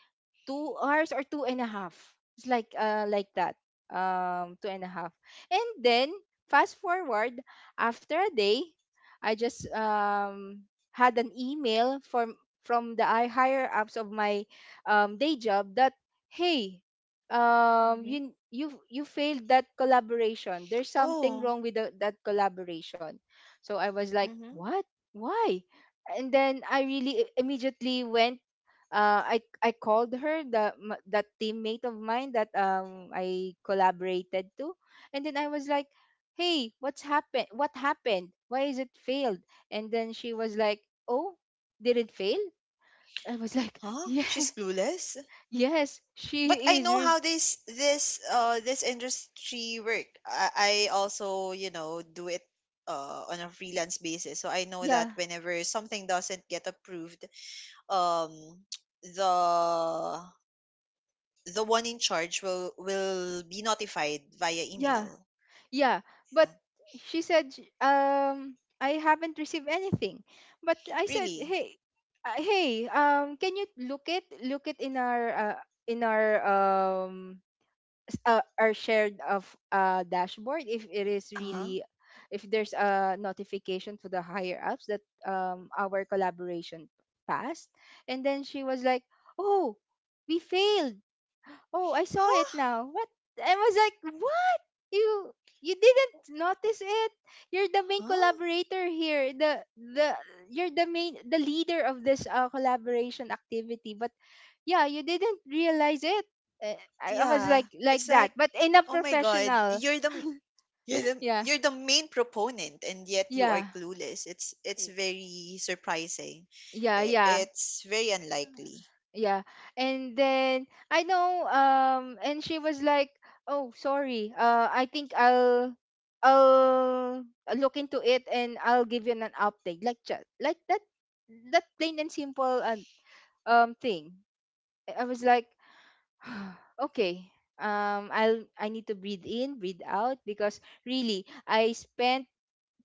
[SPEAKER 2] two hours, or two and a half. It's like, uh like that, um two and a half. And then fast forward after a day, I just um had an email from from the I higher ups of my, um day job that hey, um
[SPEAKER 1] mhm.
[SPEAKER 2] you you you failed that collaboration. There's something
[SPEAKER 1] Oh.
[SPEAKER 2] wrong with the, that collaboration. So I was like,
[SPEAKER 1] Mhm.
[SPEAKER 2] what? Why? And then I really i- immediately went. uh, I I called her, the m- that teammate of mine that, um I collaborated to. And then I was like, "Hey, what's happened? What happened? Why is it failed?" And then she was like, "Oh, did it fail?" I was like, *laughs*
[SPEAKER 1] Huh?
[SPEAKER 2] "Yeah,
[SPEAKER 1] She's clueless?
[SPEAKER 2] yes,
[SPEAKER 1] But I
[SPEAKER 2] she is.
[SPEAKER 1] know
[SPEAKER 2] Re-
[SPEAKER 1] how this this uh this industry work. I, I also, you know, do it uh on a freelance basis. So I know that
[SPEAKER 2] yeah,
[SPEAKER 1] whenever something doesn't get approved, um the the one in charge will will be notified via
[SPEAKER 2] yeah.
[SPEAKER 1] email.
[SPEAKER 2] Yeah, but
[SPEAKER 1] Yeah.
[SPEAKER 2] she said, sh- um, I haven't received anything." But I said,
[SPEAKER 1] Really?
[SPEAKER 2] hey, uh, hey, um, can you look it, look it in our, uh, in our, um, s- uh, our shared of uh dashboard, if it is
[SPEAKER 1] Uh-huh.
[SPEAKER 2] really, if there's a notification to the higher ups that um our collaboration passed. And then she was like, oh, we failed. Oh, I saw it
[SPEAKER 1] Huh?
[SPEAKER 2] now. What? I was like, what? You you didn't notice it? You're the main
[SPEAKER 1] Huh? Huh?
[SPEAKER 2] collaborator here. The the you're the main the leader of this, uh, collaboration activity. But yeah, you didn't realize it. Eh, I, I was
[SPEAKER 1] Yeah.
[SPEAKER 2] like like
[SPEAKER 1] It's
[SPEAKER 2] that,
[SPEAKER 1] like,
[SPEAKER 2] but in a
[SPEAKER 1] oh my God,
[SPEAKER 2] professional.
[SPEAKER 1] you're the You're the
[SPEAKER 2] Yeah,
[SPEAKER 1] you're the main proponent, and yet you are
[SPEAKER 2] yeah,
[SPEAKER 1] clueless. It's it's
[SPEAKER 2] y-
[SPEAKER 1] very surprising.
[SPEAKER 2] yeah,
[SPEAKER 1] I-
[SPEAKER 2] yeah.
[SPEAKER 1] It's very unlikely.
[SPEAKER 2] Yeah. And then I know, um and she was like, "Oh, sorry. Uh I think I'll I'll look into it, and I'll give you an update." Like ju- like that that plain and simple, um, um thing. I I was like, *sighs* "Okay. Um I'll I need to breathe in, breathe out, because really I spent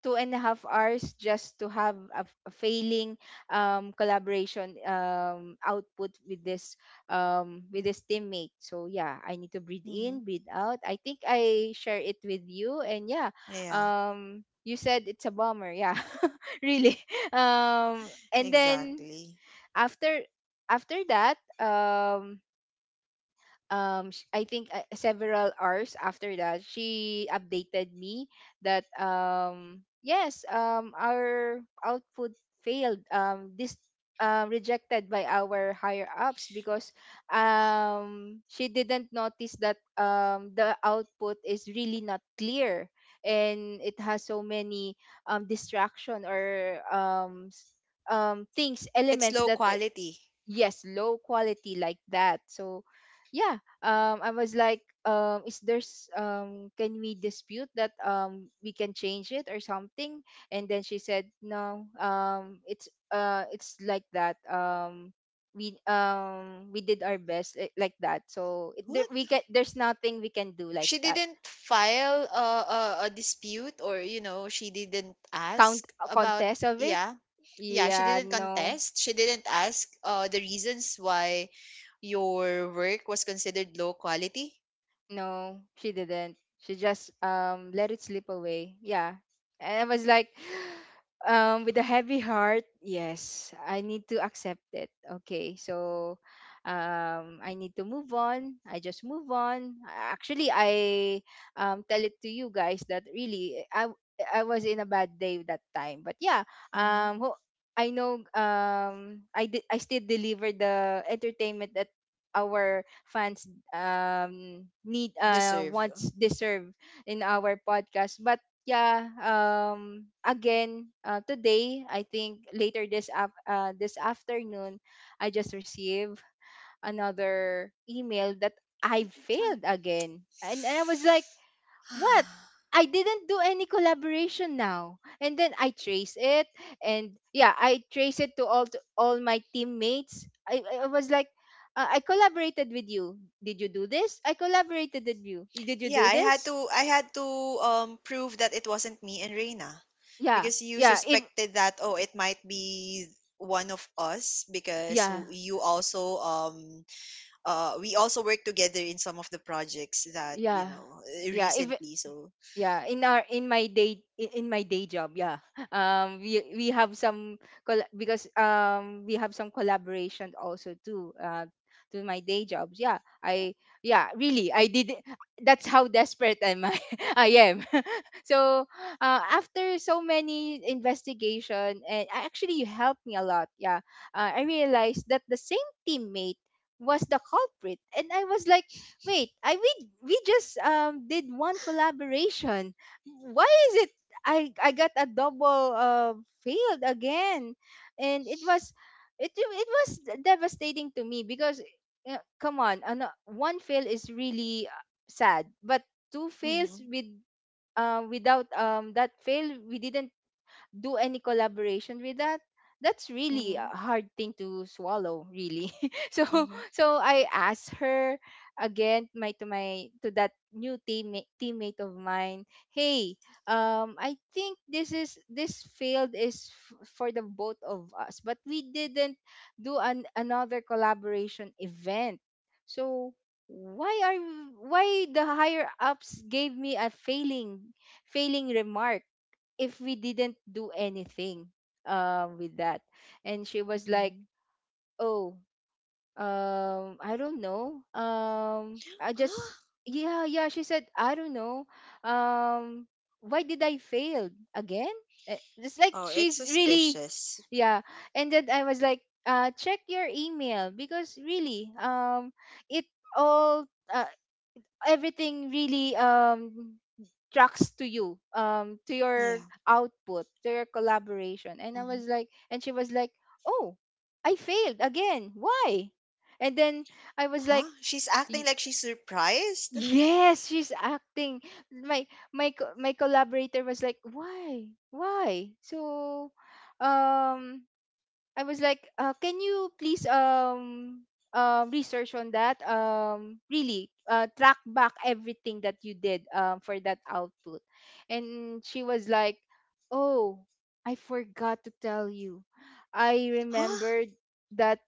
[SPEAKER 2] two and a half hours just to have a, f- a failing, um, collaboration, um, output with this um, with this teammate. So yeah, I need to breathe in,
[SPEAKER 1] hmm
[SPEAKER 2] breathe out. I think I share it with you, and yeah,
[SPEAKER 1] Yeah,
[SPEAKER 2] um, you said it's a bomber." Yeah, *laughs* really. Um, and then
[SPEAKER 1] exactly.
[SPEAKER 2] after after that, um, um sh- I think uh, several hours after that she updated me that um yes, um our output failed, um this uh, rejected by our higher ups because um she didn't notice that um the output is really not clear and it has so many um distraction or um s- um things,
[SPEAKER 1] It's
[SPEAKER 2] elements
[SPEAKER 1] low
[SPEAKER 2] that
[SPEAKER 1] quality.
[SPEAKER 2] yes, low quality, like that. So yeah um I was like, um is there's, um can we dispute that, um we can change it or something? And then she said no, um it's, uh it's like that. Um we um we did our best, li- like that. So it, there,
[SPEAKER 1] What?
[SPEAKER 2] we can, there's nothing we can do, like
[SPEAKER 1] She
[SPEAKER 2] that.
[SPEAKER 1] didn't file a, a a dispute, or you know she didn't
[SPEAKER 2] Count
[SPEAKER 1] ask
[SPEAKER 2] a
[SPEAKER 1] about.
[SPEAKER 2] contest of it.
[SPEAKER 1] Yeah, yeah, she
[SPEAKER 2] Yeah,
[SPEAKER 1] didn't
[SPEAKER 2] no.
[SPEAKER 1] contest. She didn't ask uh the reasons why your work was considered low quality.
[SPEAKER 2] No, she didn't. She just um let it slip away. Yeah. And I was like *gasps* *sighs* um with a heavy heart, yes, I need to accept it. Okay. So um I need to move on. I just move on. A- Actually, I um tell it to you guys that really I I was in a bad day that time. But yeah,
[SPEAKER 1] Mm-hmm.
[SPEAKER 2] um ho- I know, um I did, I still delivered the entertainment that our fans um need, uh
[SPEAKER 1] Deserve.
[SPEAKER 2] wants, deserve in our podcast. But yeah, um again, uh, today I think later this af- uh, this afternoon I just received another email that I
[SPEAKER 1] Oh my god.
[SPEAKER 2] failed again, and, and I was like, what?
[SPEAKER 1] *sighs*
[SPEAKER 2] I didn't do any collaboration now. And then I trace it, and yeah, I trace it to all to all my teammates. I, I was like, uh, I collaborated with you. Did you do this? I collaborated with you. Did you
[SPEAKER 1] Yeah,
[SPEAKER 2] do
[SPEAKER 1] I had
[SPEAKER 2] this?
[SPEAKER 1] to I had to um prove that it wasn't me and Reina,
[SPEAKER 2] Yeah.
[SPEAKER 1] because you
[SPEAKER 2] Yeah, if
[SPEAKER 1] suspected that, oh, it might be one of us because w-
[SPEAKER 2] yeah.
[SPEAKER 1] you also um uh we also worked together in some of the projects that, you
[SPEAKER 2] Yeah.
[SPEAKER 1] know uh,
[SPEAKER 2] Yeah, if
[SPEAKER 1] recently. So
[SPEAKER 2] yeah, in our in my day in in my day job, yeah. *laughs* um we we have some col- because um we have some collaboration also too, uh to my day jobs, yeah. I yeah Really, I did. That's how desperate am I. *laughs* I am. *laughs* So, uh, after so many investigation, and a- actually you helped me a lot, yeah. uh, I realized that the same teammate was the culprit, and I was like, wait, I we we just um did one collaboration. Why is it I I got a double, uh failed again? And it was, it it was devastating to me because, uh, come on, ano, one fail is really, uh, sad, but two
[SPEAKER 1] mm-hmm,
[SPEAKER 2] fails with, uh without um that fail we didn't do any collaboration with that. That's really a
[SPEAKER 1] mm-hmm,
[SPEAKER 2] hard thing to swallow, really. *laughs* So,
[SPEAKER 1] mm-hmm,
[SPEAKER 2] so I asked her again, my to my to that new teammate teammate of mine, hey, um I think this is this field is f- for the both of us, but we didn't do an another collaboration event. So why are, why the higher ups gave me a failing failing remark if we didn't do anything um with that? And she was like,
[SPEAKER 1] mm-hmm.
[SPEAKER 2] oh, um I don't know, um I just,
[SPEAKER 1] Huh?
[SPEAKER 2] yeah, yeah, she said, I don't know um why did I fail again. Eh, it's
[SPEAKER 1] Oh,
[SPEAKER 2] like
[SPEAKER 1] it's
[SPEAKER 2] she's really,
[SPEAKER 1] suspicious.
[SPEAKER 2] yeah. And then I was like, uh check your email because really um it, all, uh, everything really um tracks to you, um to your
[SPEAKER 1] Yeah.
[SPEAKER 2] output, to your collaboration. And I
[SPEAKER 1] Mm-hmm.
[SPEAKER 2] was like, and she was like, oh, I failed again, why? And then I was like,
[SPEAKER 1] Huh? She's acting
[SPEAKER 2] "Y-
[SPEAKER 1] like she's surprised.
[SPEAKER 2] yes, she's acting." my my co- my collaborator was like, why why so? um I was like, uh, can you please um um research on that? Um, really, uh, track back everything that you did um for that output. And she was like, oh, I forgot to tell you. I
[SPEAKER 1] Huh?
[SPEAKER 2] remembered that.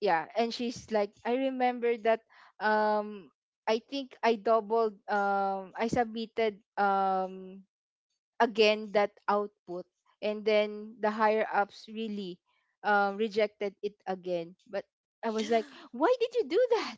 [SPEAKER 2] Yeah, and she's like, I remember that. Um, I think I doubled. Um, I submitted. Um, again that output, and then the higher ups really, um, rejected it again. But I was like,
[SPEAKER 1] *gasps*
[SPEAKER 2] why did you do that?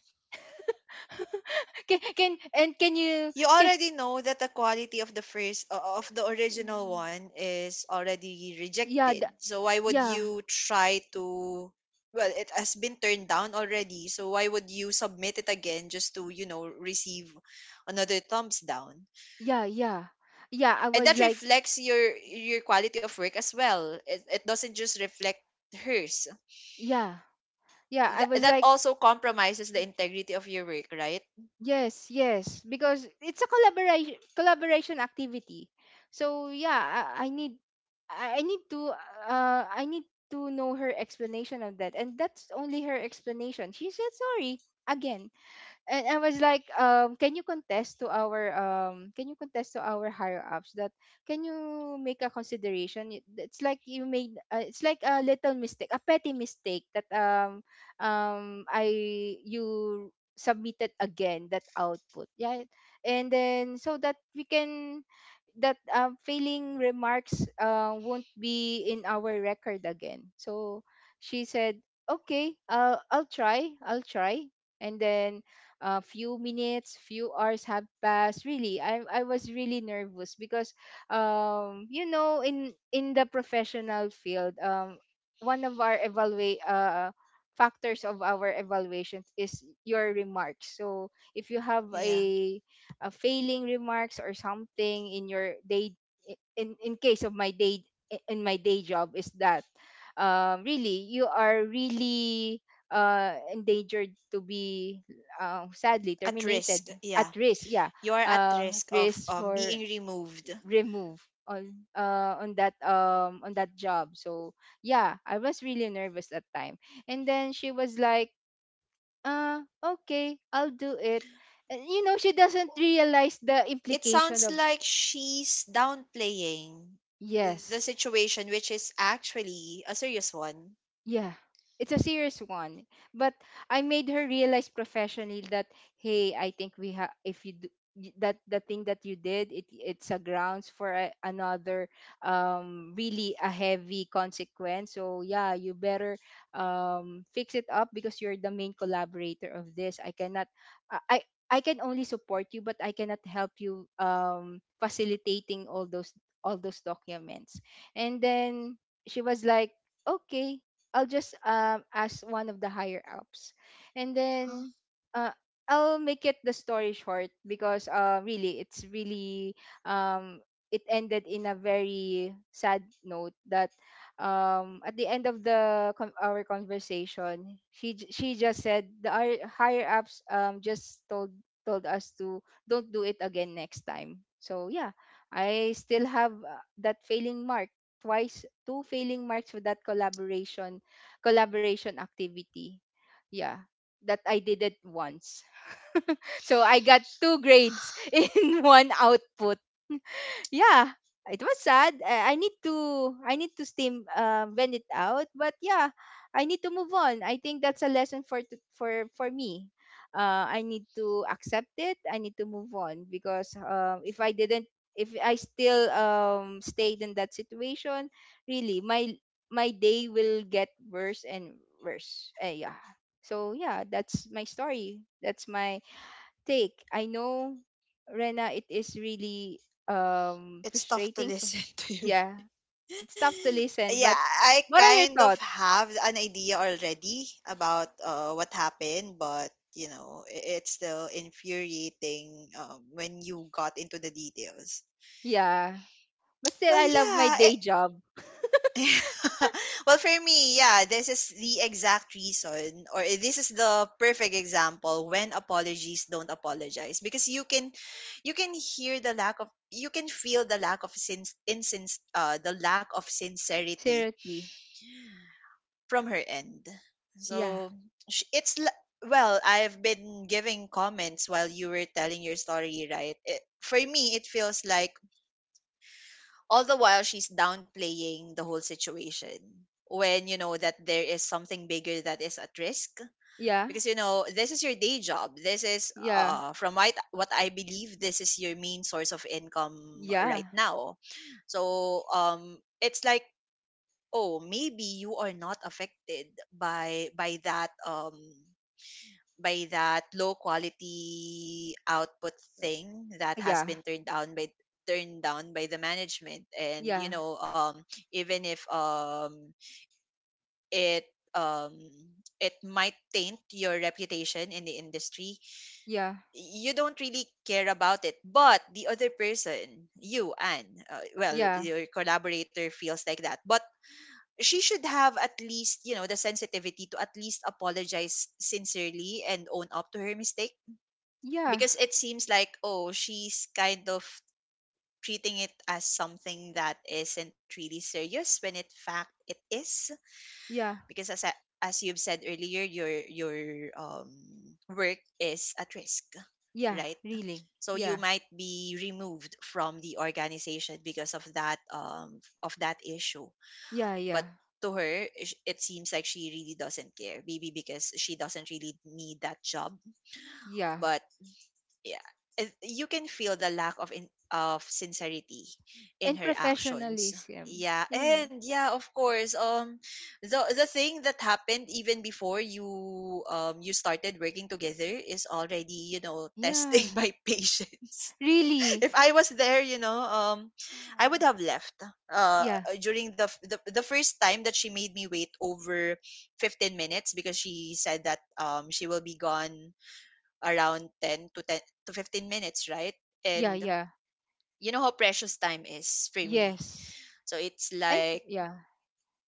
[SPEAKER 2] *laughs* can, can, and can you
[SPEAKER 1] You
[SPEAKER 2] can,
[SPEAKER 1] already know that the quality of the first o- of the original one is already
[SPEAKER 2] yeah,
[SPEAKER 1] rejected,
[SPEAKER 2] the,
[SPEAKER 1] so why would
[SPEAKER 2] yeah,
[SPEAKER 1] you try to well it has been turned down already, so why would you submit it again just to, you know, receive another thumbs down?
[SPEAKER 2] yeah, yeah, yeah, I
[SPEAKER 1] And
[SPEAKER 2] was
[SPEAKER 1] that
[SPEAKER 2] like,
[SPEAKER 1] reflects your your quality of work as well. It, it doesn't just reflect hers.
[SPEAKER 2] yeah, yeah, I
[SPEAKER 1] Th-
[SPEAKER 2] was
[SPEAKER 1] that
[SPEAKER 2] like,
[SPEAKER 1] also compromises the integrity of your work, right?
[SPEAKER 2] yes, yes, because it's a collaboration collaboration activity. So yeah, I, I need, I I need to, uh I need to know her explanation of that, and that's only her explanation. She said sorry again, and I was like, um, can you contest to our, um, can you contest to our higher ups that, can you make a consideration? Y- It's like you made, uh, it's like a little mistake, a petty mistake that, um um I you submitted again that output, yeah, and then so that we can, that, um, failing remarks, uh, won't be in our record again. So she said, "Okay, uh, I'll try. I'll try." And then a few minutes, few hours have passed. Really, I I was really nervous because, um you know in in the professional field, um one of our evaluate uh factors of our evaluations is your remarks. So if you have
[SPEAKER 1] Yeah,
[SPEAKER 2] a, uh, failing remarks or something in your day, in in case of my day, in my day job, is that um, really you are really, uh, endangered to be, uh, sadly
[SPEAKER 1] at
[SPEAKER 2] terminated,
[SPEAKER 1] risk,
[SPEAKER 2] at
[SPEAKER 1] yeah.
[SPEAKER 2] risk, yeah,
[SPEAKER 1] You are at
[SPEAKER 2] uh, at
[SPEAKER 1] risk of
[SPEAKER 2] risk
[SPEAKER 1] um,
[SPEAKER 2] for
[SPEAKER 1] being removed.
[SPEAKER 2] remove on, uh, on that, um on that job. So yeah, I was really nervous that time. And then she was like, uh, okay, I'll do it. And, you know, she doesn't realize the
[SPEAKER 1] It
[SPEAKER 2] implication
[SPEAKER 1] sounds
[SPEAKER 2] of,
[SPEAKER 1] like she's downplaying the
[SPEAKER 2] yes.
[SPEAKER 1] situation, which is actually a serious one.
[SPEAKER 2] Yeah, it's a serious one. But I made her realize professionally that, hey, I think we have if you do, y- that the thing that you did, it it's a grounds for a, another, um really a heavy consequence. So yeah, you better um fix it up because you're the main collaborator of this. I cannot, i i I can only support you, but I cannot help you um facilitating all those, all those documents. And then she was like, okay, I'll just um ask one of the higher ups, and
[SPEAKER 1] Huh?
[SPEAKER 2] then, uh, I'll make it the story short because, uh really it's really, um it ended in a very sad note that, um at the end of the con- our conversation, she j- she just said, the hi- higher ups um just told told us to don't do it again next time. So yeah, I still have, uh, that failing mark twice, two failing marks for that collaboration collaboration activity. Yeah, that I did it once. *laughs* So I got two grades *laughs* in one output, yeah, it was sad. I, I need to, I need to steam, uh, vent it out. But yeah, I need to move on. I think that's a lesson for t- for for me. Uh, I need to accept it. I need to move on because, um, if I didn't, if I still, um, stayed in that situation, really, my my day will get worse and worse. Uh, yeah. So yeah, that's my story. That's my take. I know, Rena, it is really, um
[SPEAKER 1] It's tough
[SPEAKER 2] frustrating
[SPEAKER 1] to
[SPEAKER 2] for,
[SPEAKER 1] listen *laughs* to you.
[SPEAKER 2] yeah. It's tough to listen,
[SPEAKER 1] Yeah,
[SPEAKER 2] but
[SPEAKER 1] I
[SPEAKER 2] what are your
[SPEAKER 1] kind of
[SPEAKER 2] thoughts?
[SPEAKER 1] have an idea already about uh, what happened, but you know, i- it's still infuriating um, when you got into the details.
[SPEAKER 2] Yeah. But still I
[SPEAKER 1] Well,
[SPEAKER 2] love my
[SPEAKER 1] yeah,
[SPEAKER 2] day job.
[SPEAKER 1] *laughs* well, for me, yeah, this is the exact reason, or this is the perfect example when apologies don't apologize, because you can, you can hear the lack of, you can feel the lack of sin, insin, uh, the lack of sincerity
[SPEAKER 2] Seriously.
[SPEAKER 1] from her end.
[SPEAKER 2] Yeah.
[SPEAKER 1] So sh- it's li- well, I've been giving comments while you were telling your story, right? It, for me, it feels like all the while she's downplaying the whole situation, when you know that there is something bigger that is at risk,
[SPEAKER 2] Yeah.
[SPEAKER 1] because you know this is your day job, this is
[SPEAKER 2] Yeah.
[SPEAKER 1] uh from what what I believe, this is your main source of income right
[SPEAKER 2] Yeah.
[SPEAKER 1] now. So um it's like, oh, maybe you are not affected by by that, um by that low quality output thing that has
[SPEAKER 2] Yeah.
[SPEAKER 1] been turned down by turned down by the management. And you
[SPEAKER 2] Yeah.
[SPEAKER 1] know um even if, um it um it might taint your reputation in the industry,
[SPEAKER 2] Yeah.
[SPEAKER 1] you don't really care about it, but the other person, you, and, uh, well,
[SPEAKER 2] Yeah.
[SPEAKER 1] your collaborator feels like that. But she should have, at least, you know, the sensitivity, to at least apologize sincerely and own up to her mistake,
[SPEAKER 2] Yeah.
[SPEAKER 1] because it seems like, oh, she's kind of treating it as something that isn't really serious, when in fact it is,
[SPEAKER 2] Yeah.
[SPEAKER 1] because, as I, as you've said earlier, your your um work is at risk,
[SPEAKER 2] Yeah.
[SPEAKER 1] right?
[SPEAKER 2] Really.
[SPEAKER 1] So you
[SPEAKER 2] Yeah.
[SPEAKER 1] might be removed from the organization because of that, um of that issue.
[SPEAKER 2] Yeah.
[SPEAKER 1] But
[SPEAKER 2] Yeah.
[SPEAKER 1] to her, sh- it seems like she really doesn't care, maybe because she doesn't really need that job,
[SPEAKER 2] Yeah.
[SPEAKER 1] but yeah, it- you can feel the lack of in, of sincerity in
[SPEAKER 2] And
[SPEAKER 1] her actions.
[SPEAKER 2] professionalism.
[SPEAKER 1] Yeah,
[SPEAKER 2] Yeah.
[SPEAKER 1] and yeah, of course, um the the thing that happened even before you um you started working together is already, you know, testing
[SPEAKER 2] Yeah.
[SPEAKER 1] *laughs* my patience. *laughs*
[SPEAKER 2] Really.
[SPEAKER 1] If I was there, you know um I
[SPEAKER 2] Uh,
[SPEAKER 1] would have left uh
[SPEAKER 2] yeah.
[SPEAKER 1] during The, f- the the first time that she made me wait over fifteen minutes because she said that um she will be gone around ten to ten to fifteen minutes, right?
[SPEAKER 2] Yeah.
[SPEAKER 1] And
[SPEAKER 2] Yeah.
[SPEAKER 1] you know how precious time is for me.
[SPEAKER 2] Yes.
[SPEAKER 1] So it's
[SPEAKER 2] And f-
[SPEAKER 1] like,
[SPEAKER 2] yeah,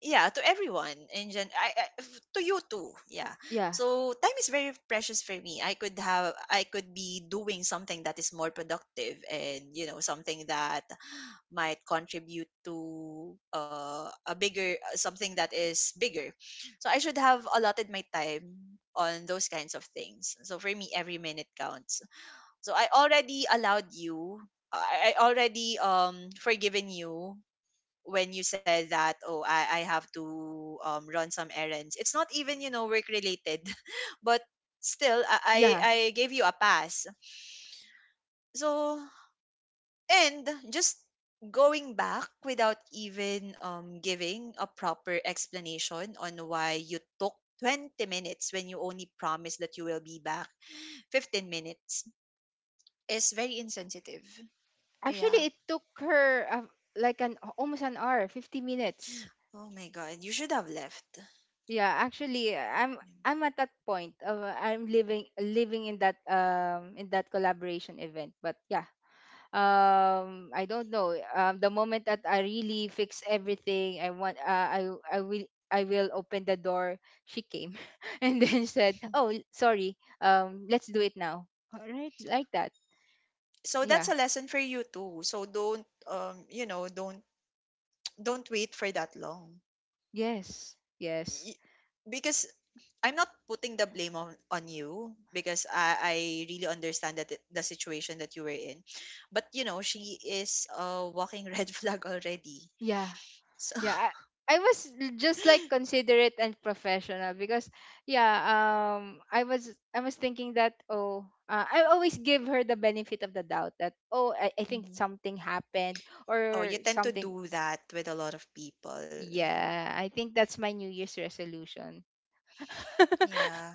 [SPEAKER 1] yeah, to everyone and gen- I, I, f- to you too. Yeah.
[SPEAKER 2] yeah,
[SPEAKER 1] So time is very precious for me. I could have I could be doing something that is more productive, and you know something that might contribute to uh, a bigger something that is bigger, so I should have allotted my time on those kinds of things. So for me, every minute counts. So I already allowed you. uh, I I already um forgiven you when you said that, "Oh, I I have to um run some errands." It's not even, you know, work related, *laughs* but still I
[SPEAKER 2] yeah.
[SPEAKER 1] I I gave you a pass. So, and just going back without even um giving a proper explanation on why you took twenty minutes when you only promised that you will be back fifteen minutes is very insensitive.
[SPEAKER 2] Actually,
[SPEAKER 1] Yeah.
[SPEAKER 2] it took her, uh, like an almost an hour, fifty minutes.
[SPEAKER 1] Oh my God. You should have left.
[SPEAKER 2] Yeah, actually, I'm
[SPEAKER 1] Yeah.
[SPEAKER 2] I'm at that point of, uh, I'm living living in that, um in that collaboration event. But yeah, um I don't know. Um, the moment that I really fix everything, I want, uh, I I will, I will open the door. She came *laughs* and then said, "Oh,
[SPEAKER 1] *laughs*
[SPEAKER 2] sorry. Um, let's do it now." All right, like that.
[SPEAKER 1] So that's
[SPEAKER 2] Yeah.
[SPEAKER 1] a lesson for you too. So don't, um you know, don't don't wait for that long.
[SPEAKER 2] Yes, yes.
[SPEAKER 1] Y- Because I'm not putting the blame on, on you, because I, I really understand that it- the situation that you were in. But you know, she is a walking *laughs* red flag already.
[SPEAKER 2] Yeah,
[SPEAKER 1] So
[SPEAKER 2] yeah. I, I was l- just like
[SPEAKER 1] *laughs*
[SPEAKER 2] considerate and professional because, yeah, um I was I was thinking that, oh, uh, I always give her the benefit of the doubt that, oh, I, I think
[SPEAKER 1] hmm.
[SPEAKER 2] something happened
[SPEAKER 1] Oh,
[SPEAKER 2] or
[SPEAKER 1] you tend to
[SPEAKER 2] something.
[SPEAKER 1] do that with a lot of people.
[SPEAKER 2] Yeah, I think that's my New Year's resolution. *laughs*
[SPEAKER 1] Yeah,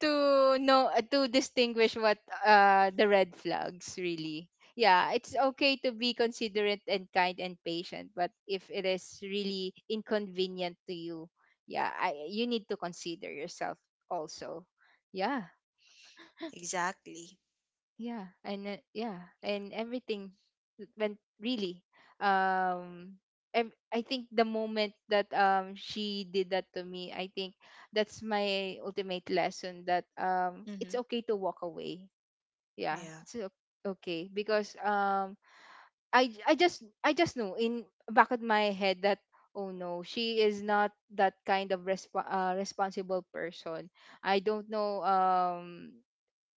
[SPEAKER 2] To know, uh, to distinguish what, uh the red flags really. Yeah, it's okay to be considerate and kind and patient, but if it is really inconvenient to you, yeah, I, you need to consider yourself also. Yeah,
[SPEAKER 1] exactly.
[SPEAKER 2] yeah. And, uh, yeah, and everything when really, um ev- I think the moment that um she did that to me, I think that's my ultimate lesson that um
[SPEAKER 1] Mm-hmm.
[SPEAKER 2] it's okay to walk away. Yeah,
[SPEAKER 1] Yeah.
[SPEAKER 2] it's o- okay, because um i j- i just I just know in back of my head that, oh no, she is not that kind of resp- uh, responsible person. I don't know, um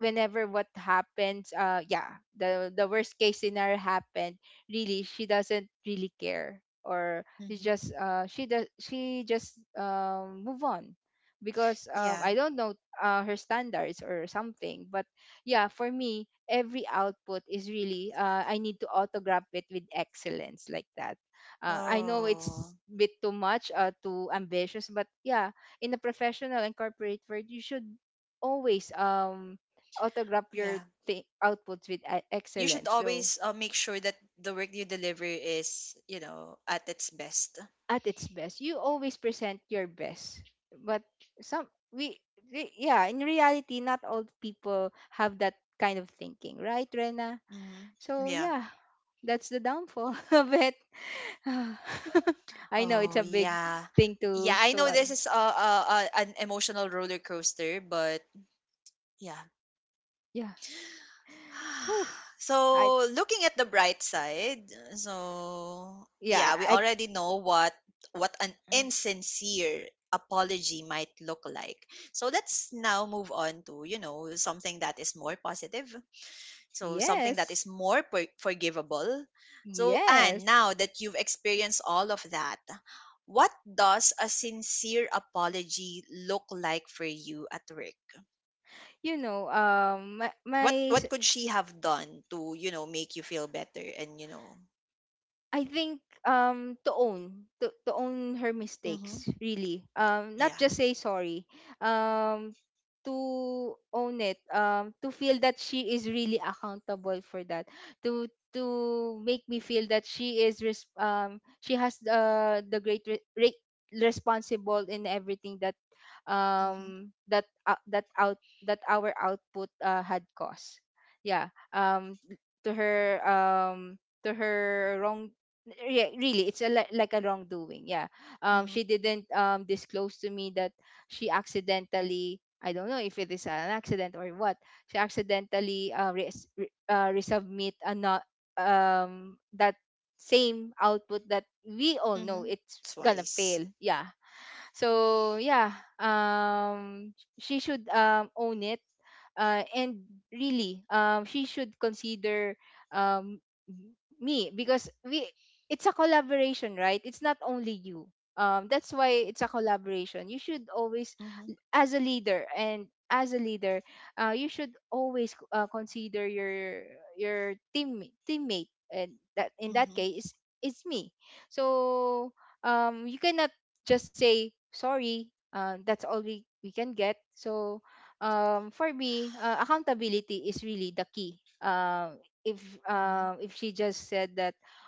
[SPEAKER 2] whenever what happens, uh yeah, the the worst case scenario happened, really she doesn't really care, or it's
[SPEAKER 1] Hmm.
[SPEAKER 2] just, uh she does she just um move on, because, um
[SPEAKER 1] Yeah.
[SPEAKER 2] I don't know, uh, her standards or something. But yeah, for me every output is really, uh, I need to autograph it with excellence, like that. uh, I know
[SPEAKER 1] Oh,
[SPEAKER 2] it's a bit too much, uh, too ambitious, but yeah, in a professional and corporate world you should always um autograph your
[SPEAKER 1] yeah.
[SPEAKER 2] thi- outputs with e-
[SPEAKER 1] You should
[SPEAKER 2] excellence. So
[SPEAKER 1] always uh, make sure that the work you deliver is, you know, at its best.
[SPEAKER 2] at its best, you always present your best. But some, we, we, yeah, in reality, not all people have that kind of thinking, right, Rena?
[SPEAKER 1] Hmm.
[SPEAKER 2] So
[SPEAKER 1] Yeah.
[SPEAKER 2] yeah, that's the downfall *laughs* of it. *sighs* Ah, *laughs* I know it's a
[SPEAKER 1] Oh,
[SPEAKER 2] big
[SPEAKER 1] yeah.
[SPEAKER 2] thing to
[SPEAKER 1] Yeah, I know
[SPEAKER 2] swallow.
[SPEAKER 1] this is a, a, a an emotional roller coaster, but yeah.
[SPEAKER 2] Yeah.
[SPEAKER 1] *sighs*
[SPEAKER 2] Whew. I
[SPEAKER 1] So, looking at the bright side, so
[SPEAKER 2] yeah
[SPEAKER 1] yeah, we
[SPEAKER 2] I
[SPEAKER 1] already know what what an
[SPEAKER 2] I-
[SPEAKER 1] insincere apology might look like. So, let's now move on to, you know, something that is more positive, so something that
[SPEAKER 2] yes
[SPEAKER 1] is more per- forgivable. So, and
[SPEAKER 2] yes
[SPEAKER 1] now that you've experienced all of that, what does a sincere apology look like for you at work?
[SPEAKER 2] you know um my,
[SPEAKER 1] what
[SPEAKER 2] my
[SPEAKER 1] what could she have done to, you know, make you feel better and you know.
[SPEAKER 2] I think um to own to, to own her mistakes,
[SPEAKER 1] Hmm.
[SPEAKER 2] really. Um not
[SPEAKER 1] Yeah.
[SPEAKER 2] just say sorry. Um to own it, um to feel that she is really accountable for that. To to make me feel that she is res- um she has uh, the great re- re- responsible in everything that
[SPEAKER 1] Mm-hmm.
[SPEAKER 2] um that uh, that out that our output uh, had caused. Yeah. Um to her um to her wrong, yeah, really it's a li- like a wrongdoing. Yeah. Um
[SPEAKER 1] Mm-hmm.
[SPEAKER 2] she didn't um disclose to me that she accidentally, I don't know if it is an accident or what, she accidentally uh, res- re- uh resubmit a not, um that same output that we all know
[SPEAKER 1] Mm-hmm.
[SPEAKER 2] it's gonna
[SPEAKER 1] Twice.
[SPEAKER 2] fail. Yeah. So yeah, um, she should um, own it, uh, and really, um, she should consider, um, me, because we it's a collaboration, right? It's not only you. Um, that's why it's a collaboration. You should always,
[SPEAKER 1] Mm-hmm.
[SPEAKER 2] as a leader and as a leader, uh, you should always uh, consider your your team teammate, and that in that
[SPEAKER 1] Mm-hmm.
[SPEAKER 2] case, it's, it's me. So um, you cannot just say sorry. Um, that's all we, we can get. So um, for me, uh, accountability is really the key. Um, if,
[SPEAKER 1] Mm-hmm.
[SPEAKER 2] um, if she just said that,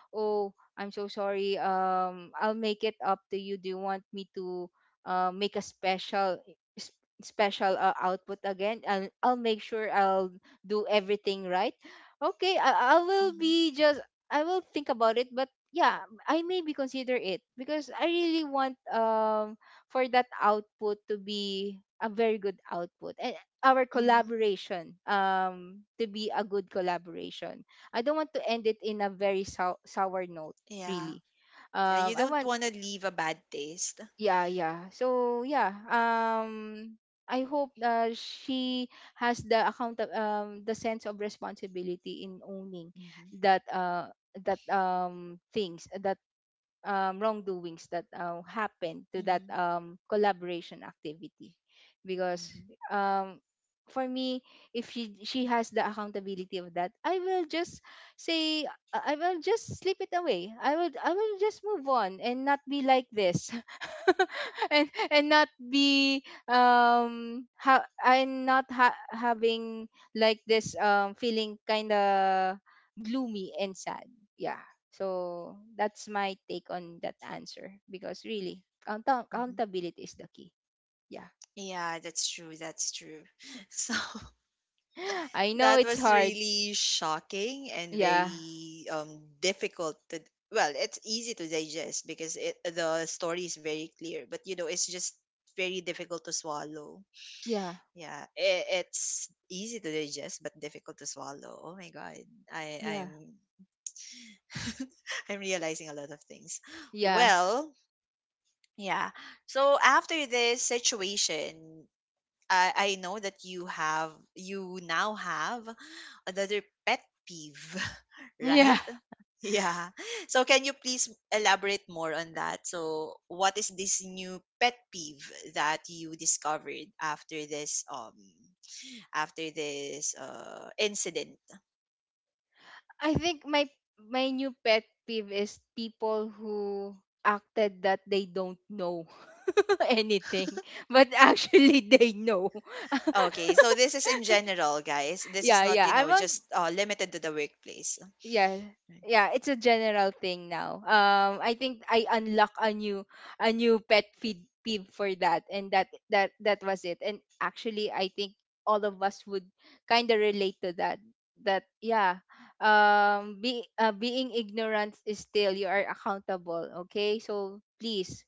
[SPEAKER 2] oh, I'm so sorry, um, I'll make it up to you, do you want me to uh, make a special s- special uh, output again, and I'll make sure I'll do everything right, okay, I, I will
[SPEAKER 1] Mm-hmm.
[SPEAKER 2] be just, I will think about it. But yeah, I maybe consider it because I really want, um for that output to be a very good output, and our
[SPEAKER 1] Hmm.
[SPEAKER 2] collaboration um to be a good collaboration. I don't want to end it in a very sou- sour note,
[SPEAKER 1] Yeah.
[SPEAKER 2] really.
[SPEAKER 1] Yeah,
[SPEAKER 2] Um
[SPEAKER 1] you
[SPEAKER 2] I
[SPEAKER 1] don't
[SPEAKER 2] want
[SPEAKER 1] want to leave a bad taste.
[SPEAKER 2] Yeah, yeah. So yeah, um I hope uh, she has the account um the sense of responsibility in owning
[SPEAKER 1] Mm-hmm.
[SPEAKER 2] that uh that um things that um, wrongdoings that uh, happened to that
[SPEAKER 1] Mm-hmm.
[SPEAKER 2] um, collaboration activity, because
[SPEAKER 1] Mm-hmm.
[SPEAKER 2] um, for me, if she she has the accountability of that, I will just say, uh, I will just slip it away, i will I will just move on and not be like this *laughs* and and not be um ha- and not ha- having like this um feeling kind of gloomy and sad. Yeah. So that's my take on that answer because really, count-
[SPEAKER 1] Mhm.
[SPEAKER 2] accountability is the key. Yeah.
[SPEAKER 1] Yeah, that's true. That's true. *laughs* So *laughs*
[SPEAKER 2] *gasps* I know
[SPEAKER 1] that
[SPEAKER 2] it's
[SPEAKER 1] was
[SPEAKER 2] hard.
[SPEAKER 1] really shocking and
[SPEAKER 2] Yeah.
[SPEAKER 1] very um, difficult to. Well, it's easy to digest because it, the story is very clear, but you know it's just very difficult to swallow.
[SPEAKER 2] Yeah.
[SPEAKER 1] Yeah, I it's easy to digest but difficult to swallow. Oh my god, I
[SPEAKER 2] Yeah.
[SPEAKER 1] I'm *laughs* I'm realizing a lot of things.
[SPEAKER 2] Yeah. *laughs*
[SPEAKER 1] Well, yeah. So after this situation, I I know that you have you now have another pet peeve, *laughs*
[SPEAKER 2] Yeah.
[SPEAKER 1] right? Yeah. So can you please elaborate more on that? So what is this new pet peeve that you discovered after this um after this uh, incident.
[SPEAKER 2] I think my my new pet peeve is people who acted that they don't know *laughs* anything but actually they know. *laughs*
[SPEAKER 1] Okay, so this is in general, guys. This is
[SPEAKER 2] Yeah,
[SPEAKER 1] not,
[SPEAKER 2] yeah.
[SPEAKER 1] you
[SPEAKER 2] I
[SPEAKER 1] know,
[SPEAKER 2] want
[SPEAKER 1] just uh, limited to the workplace.
[SPEAKER 2] yeah
[SPEAKER 1] Right.
[SPEAKER 2] yeah, it's a general thing now. um I think I unlock a new a new pet feed peeve for that, and that that that was it. And actually, I think all of us would kind of relate to that. That yeah. um be uh, Being ignorant is still you are accountable, okay? So please,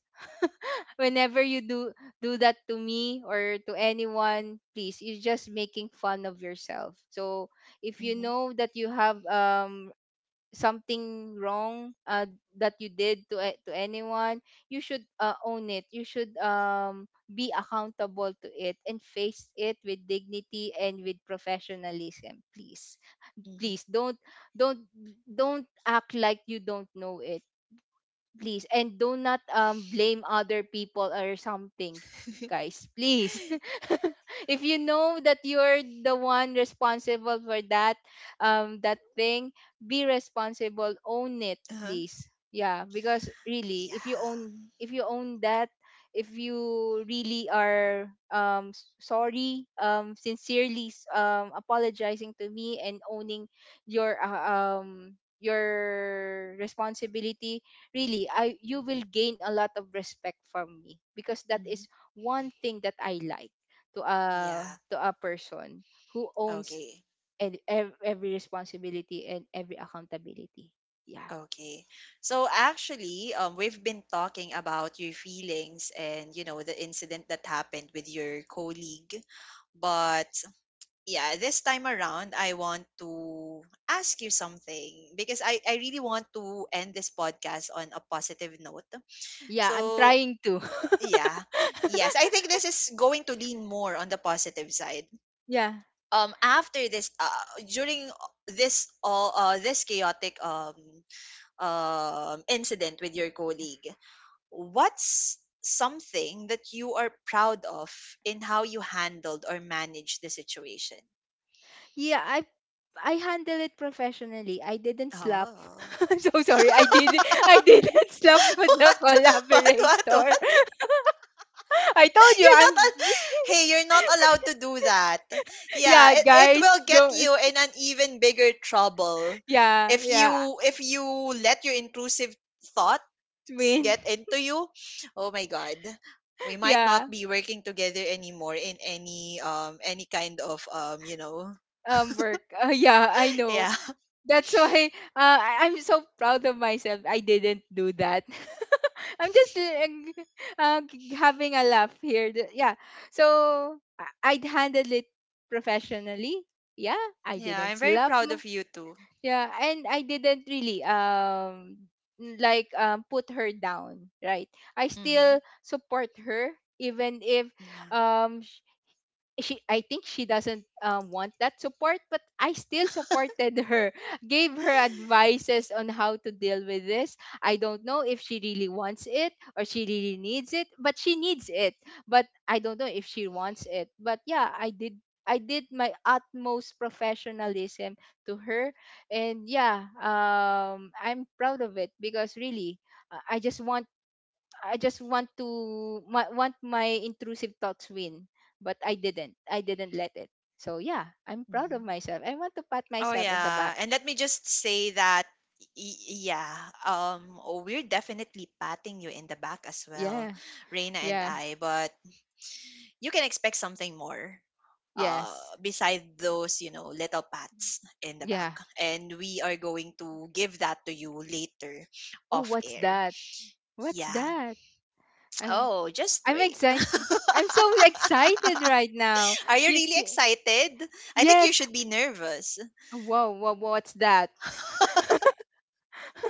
[SPEAKER 2] whenever you do do that to me or to anyone, please, you're just making fun of yourself. So if you
[SPEAKER 1] Mhm,
[SPEAKER 2] know that you have um something wrong, uh, that you did to a- to anyone, you should uh, own it. You should um be accountable to it and face it with dignity and with professionalism, please.
[SPEAKER 1] mhm.
[SPEAKER 2] Please don't don't don't act like you don't know it, please. And do not um blame other people or something,
[SPEAKER 1] *laughs*
[SPEAKER 2] guys, please. *laughs* If you know that you're the one responsible for that, um that thing, be responsible, own it,
[SPEAKER 1] Uh-huh.
[SPEAKER 2] please. Yeah. Because really, if you
[SPEAKER 1] Yeah.
[SPEAKER 2] own, if you own that, if you really are um s- sorry, um sincerely s- um apologizing to me and owning your uh, um your responsibility, really, I you will gain a lot of respect from me, because that is
[SPEAKER 1] Mhm.
[SPEAKER 2] one thing that I like, to a,
[SPEAKER 1] Yeah.
[SPEAKER 2] to a person who owns
[SPEAKER 1] Okay.
[SPEAKER 2] and ev- every responsibility and every accountability. Yeah.
[SPEAKER 1] Okay. So actually, um, we've been talking about your feelings and, you know, the incident that happened with your colleague. But yeah, this time around, I want to ask you something because I, I really want to end this podcast on a positive note.
[SPEAKER 2] Yeah, I'm
[SPEAKER 1] So
[SPEAKER 2] trying to
[SPEAKER 1] yeah, yes, I
[SPEAKER 2] *laughs*
[SPEAKER 1] think this is going to lean more on the positive side.
[SPEAKER 2] yeah,
[SPEAKER 1] Um, after this, uh, during this all uh, this chaotic um um, incident with your colleague, what's something that you are proud of in how you handled or managed the situation?
[SPEAKER 2] yeah. I i handle it professionally. I didn't slap.
[SPEAKER 1] Oh.
[SPEAKER 2] *laughs* I'm so sorry,
[SPEAKER 1] *laughs*
[SPEAKER 2] i didn't I
[SPEAKER 1] What?
[SPEAKER 2] didn't *laughs* slap with the
[SPEAKER 1] What? What?
[SPEAKER 2] collaborator.
[SPEAKER 1] What?
[SPEAKER 2] *laughs* I told you,
[SPEAKER 1] You're not.
[SPEAKER 2] I'm
[SPEAKER 1] Al- hey, you're not
[SPEAKER 2] *laughs*
[SPEAKER 1] allowed to do that. Yeah,
[SPEAKER 2] yeah,
[SPEAKER 1] it, it
[SPEAKER 2] guys,
[SPEAKER 1] will get
[SPEAKER 2] don't.
[SPEAKER 1] you in an even bigger trouble
[SPEAKER 2] Yeah,
[SPEAKER 1] if
[SPEAKER 2] yeah.
[SPEAKER 1] you, if you let your intrusive
[SPEAKER 2] Twin.
[SPEAKER 1] get into you, oh my god, we
[SPEAKER 2] *laughs*
[SPEAKER 1] might not
[SPEAKER 2] Yeah.
[SPEAKER 1] be working together anymore in any um any kind of um you know.
[SPEAKER 2] Um work. Uh, yeah, I know.
[SPEAKER 1] *laughs* Yeah.
[SPEAKER 2] That's why, uh, I- I'm so proud of myself. I didn't do that. *laughs* I'm just uh, g- uh, g- having a laugh here. Th- Yeah. So I- I'd handle it professionally. Yeah, I
[SPEAKER 1] Yeah,
[SPEAKER 2] didn't
[SPEAKER 1] I'm very
[SPEAKER 2] slap.
[SPEAKER 1] proud
[SPEAKER 2] M-
[SPEAKER 1] of you too.
[SPEAKER 2] Yeah, and I didn't really um like um put her down, right? I
[SPEAKER 1] Mm-hmm.
[SPEAKER 2] still support her, even if
[SPEAKER 1] Yeah.
[SPEAKER 2] um she I think she doesn't um, want that support, but I still supported her, *laughs* gave her advices on how to deal with this. I don't know if she really wants it or she really needs it, but she needs it. But I don't know if she wants it. But yeah, I did I did my utmost professionalism to her, and yeah, um, I'm proud of it because really, uh, I just want I just want to my, want my intrusive thoughts win, but I didn't. I didn't let it. So yeah, I'm proud of
[SPEAKER 1] Mm-hmm.
[SPEAKER 2] myself. I want to pat
[SPEAKER 1] Oh
[SPEAKER 2] myself at the
[SPEAKER 1] yeah,
[SPEAKER 2] back.
[SPEAKER 1] and let me just say that y- yeah, um, oh, we're definitely patting you in the back as well,
[SPEAKER 2] Yeah,
[SPEAKER 1] Reina and
[SPEAKER 2] yeah,
[SPEAKER 1] I. But you can expect something more, uh,
[SPEAKER 2] yes,
[SPEAKER 1] beside those, you know, little pats in the back,
[SPEAKER 2] yeah.
[SPEAKER 1] and we are going to give that to you later
[SPEAKER 2] Oh,
[SPEAKER 1] off
[SPEAKER 2] what's
[SPEAKER 1] air.
[SPEAKER 2] that? What's
[SPEAKER 1] Yeah.
[SPEAKER 2] that? I'm
[SPEAKER 1] Oh, just
[SPEAKER 2] I'm
[SPEAKER 1] wait.
[SPEAKER 2] excited. I'm so excited right now.
[SPEAKER 1] *laughs* Are you
[SPEAKER 2] Y-
[SPEAKER 1] really
[SPEAKER 2] y-
[SPEAKER 1] excited? I think you
[SPEAKER 2] yes.
[SPEAKER 1] should be nervous.
[SPEAKER 2] Whoa, whoa, what's that?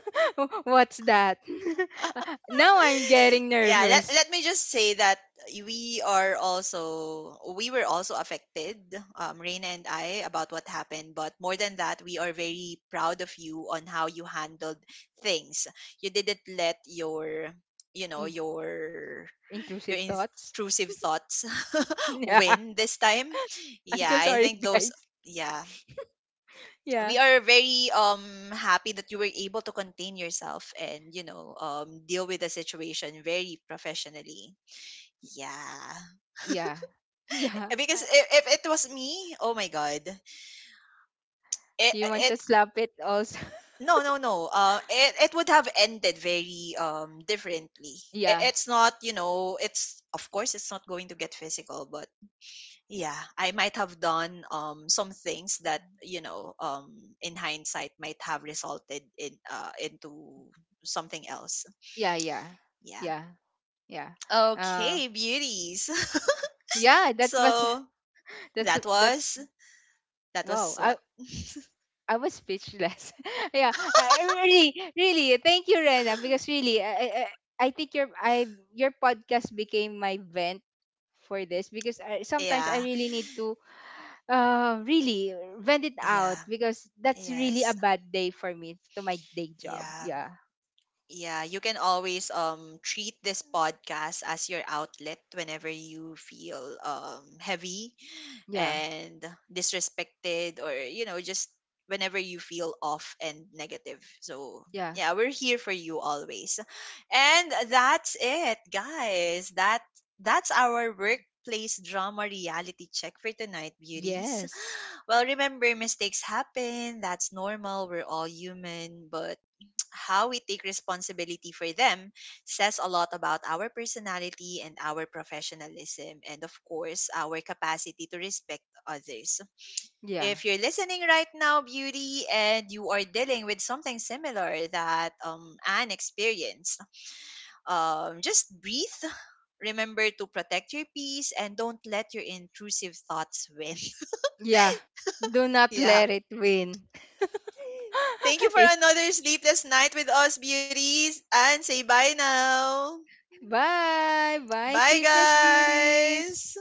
[SPEAKER 2] *laughs* What's that? *laughs*
[SPEAKER 1] *laughs*
[SPEAKER 2] Now I'm getting
[SPEAKER 1] Yeah, let,
[SPEAKER 2] nervous.
[SPEAKER 1] let me just say that we are also we were also affected, um, Reina and I, about what happened. But more than that, we are very proud of you on how you handled things. You didn't let your, you know,
[SPEAKER 2] In-
[SPEAKER 1] your your
[SPEAKER 2] Intrusive thoughts.
[SPEAKER 1] intrusive thoughts *laughs*
[SPEAKER 2] *laughs* Yeah.
[SPEAKER 1] win this time.
[SPEAKER 2] I'm
[SPEAKER 1] Yeah,
[SPEAKER 2] so
[SPEAKER 1] I
[SPEAKER 2] sorry,
[SPEAKER 1] think those,
[SPEAKER 2] guys.
[SPEAKER 1] yeah,
[SPEAKER 2] Yeah.
[SPEAKER 1] we are very um happy that you were able to contain yourself and you know um deal with the situation very professionally. Yeah.
[SPEAKER 2] Yeah. *laughs* Yeah.
[SPEAKER 1] Eh, because if, if it was me, oh my god, it,
[SPEAKER 2] You want
[SPEAKER 1] it
[SPEAKER 2] to slap it also. *laughs*
[SPEAKER 1] no no no uh it, it would have ended very um differently. It,
[SPEAKER 2] Yeah.
[SPEAKER 1] it's not, you know, it's of course it's not going to get physical, but yeah, I might have done um some things that you know um in hindsight might have resulted in uh into something else.
[SPEAKER 2] Yeah, yeah.
[SPEAKER 1] Yeah.
[SPEAKER 2] Yeah. Yeah. Uh,
[SPEAKER 1] Okay, beauties.
[SPEAKER 2] yeah,
[SPEAKER 1] *laughs*
[SPEAKER 2] that was
[SPEAKER 1] So
[SPEAKER 2] *laughs* that's
[SPEAKER 1] that
[SPEAKER 2] that's
[SPEAKER 1] was, that
[SPEAKER 2] wow.
[SPEAKER 1] was
[SPEAKER 2] I
[SPEAKER 1] what.
[SPEAKER 2] I was speechless. *laughs* Yeah. I, really, really, thank you, Rena, because really, I, I I I think your I your podcast became my vent for this, because I, sometimes I
[SPEAKER 1] Yeah.
[SPEAKER 2] really need to uh really vent it out,
[SPEAKER 1] Yeah.
[SPEAKER 2] because that's really a
[SPEAKER 1] Yes.
[SPEAKER 2] bad day for me to my day job.
[SPEAKER 1] Yeah.
[SPEAKER 2] Yeah.
[SPEAKER 1] Yeah, you can always um treat this podcast as your outlet whenever you feel um heavy
[SPEAKER 2] Yeah.
[SPEAKER 1] and disrespected, or you know just whenever you feel off and negative, so
[SPEAKER 2] Yeah.
[SPEAKER 1] yeah, we're here for you always. And that's it, guys. That, that's our workplace drama reality check for tonight, beauties.
[SPEAKER 2] Yes.
[SPEAKER 1] Well, remember, mistakes happen, that's normal, we're all human, but how we take responsibility for them says a lot about our personality and our professionalism, and of course, our capacity to respect others.
[SPEAKER 2] Yeah.
[SPEAKER 1] If you're listening right now, Beauty, and you are dealing with something similar that, um, Anne experienced, um, just breathe. Remember to protect your peace and don't let your intrusive thoughts win.
[SPEAKER 2] Yeah. Do
[SPEAKER 1] *laughs*
[SPEAKER 2] not
[SPEAKER 1] Yeah.
[SPEAKER 2] let it win.
[SPEAKER 1] Thank you
[SPEAKER 2] *laughs*
[SPEAKER 1] for
[SPEAKER 2] it's
[SPEAKER 1] another sleepless night with us, beauties, and say bye now.
[SPEAKER 2] Bye. Bye,
[SPEAKER 1] Bye,
[SPEAKER 2] sleepless beauties.
[SPEAKER 1] guys.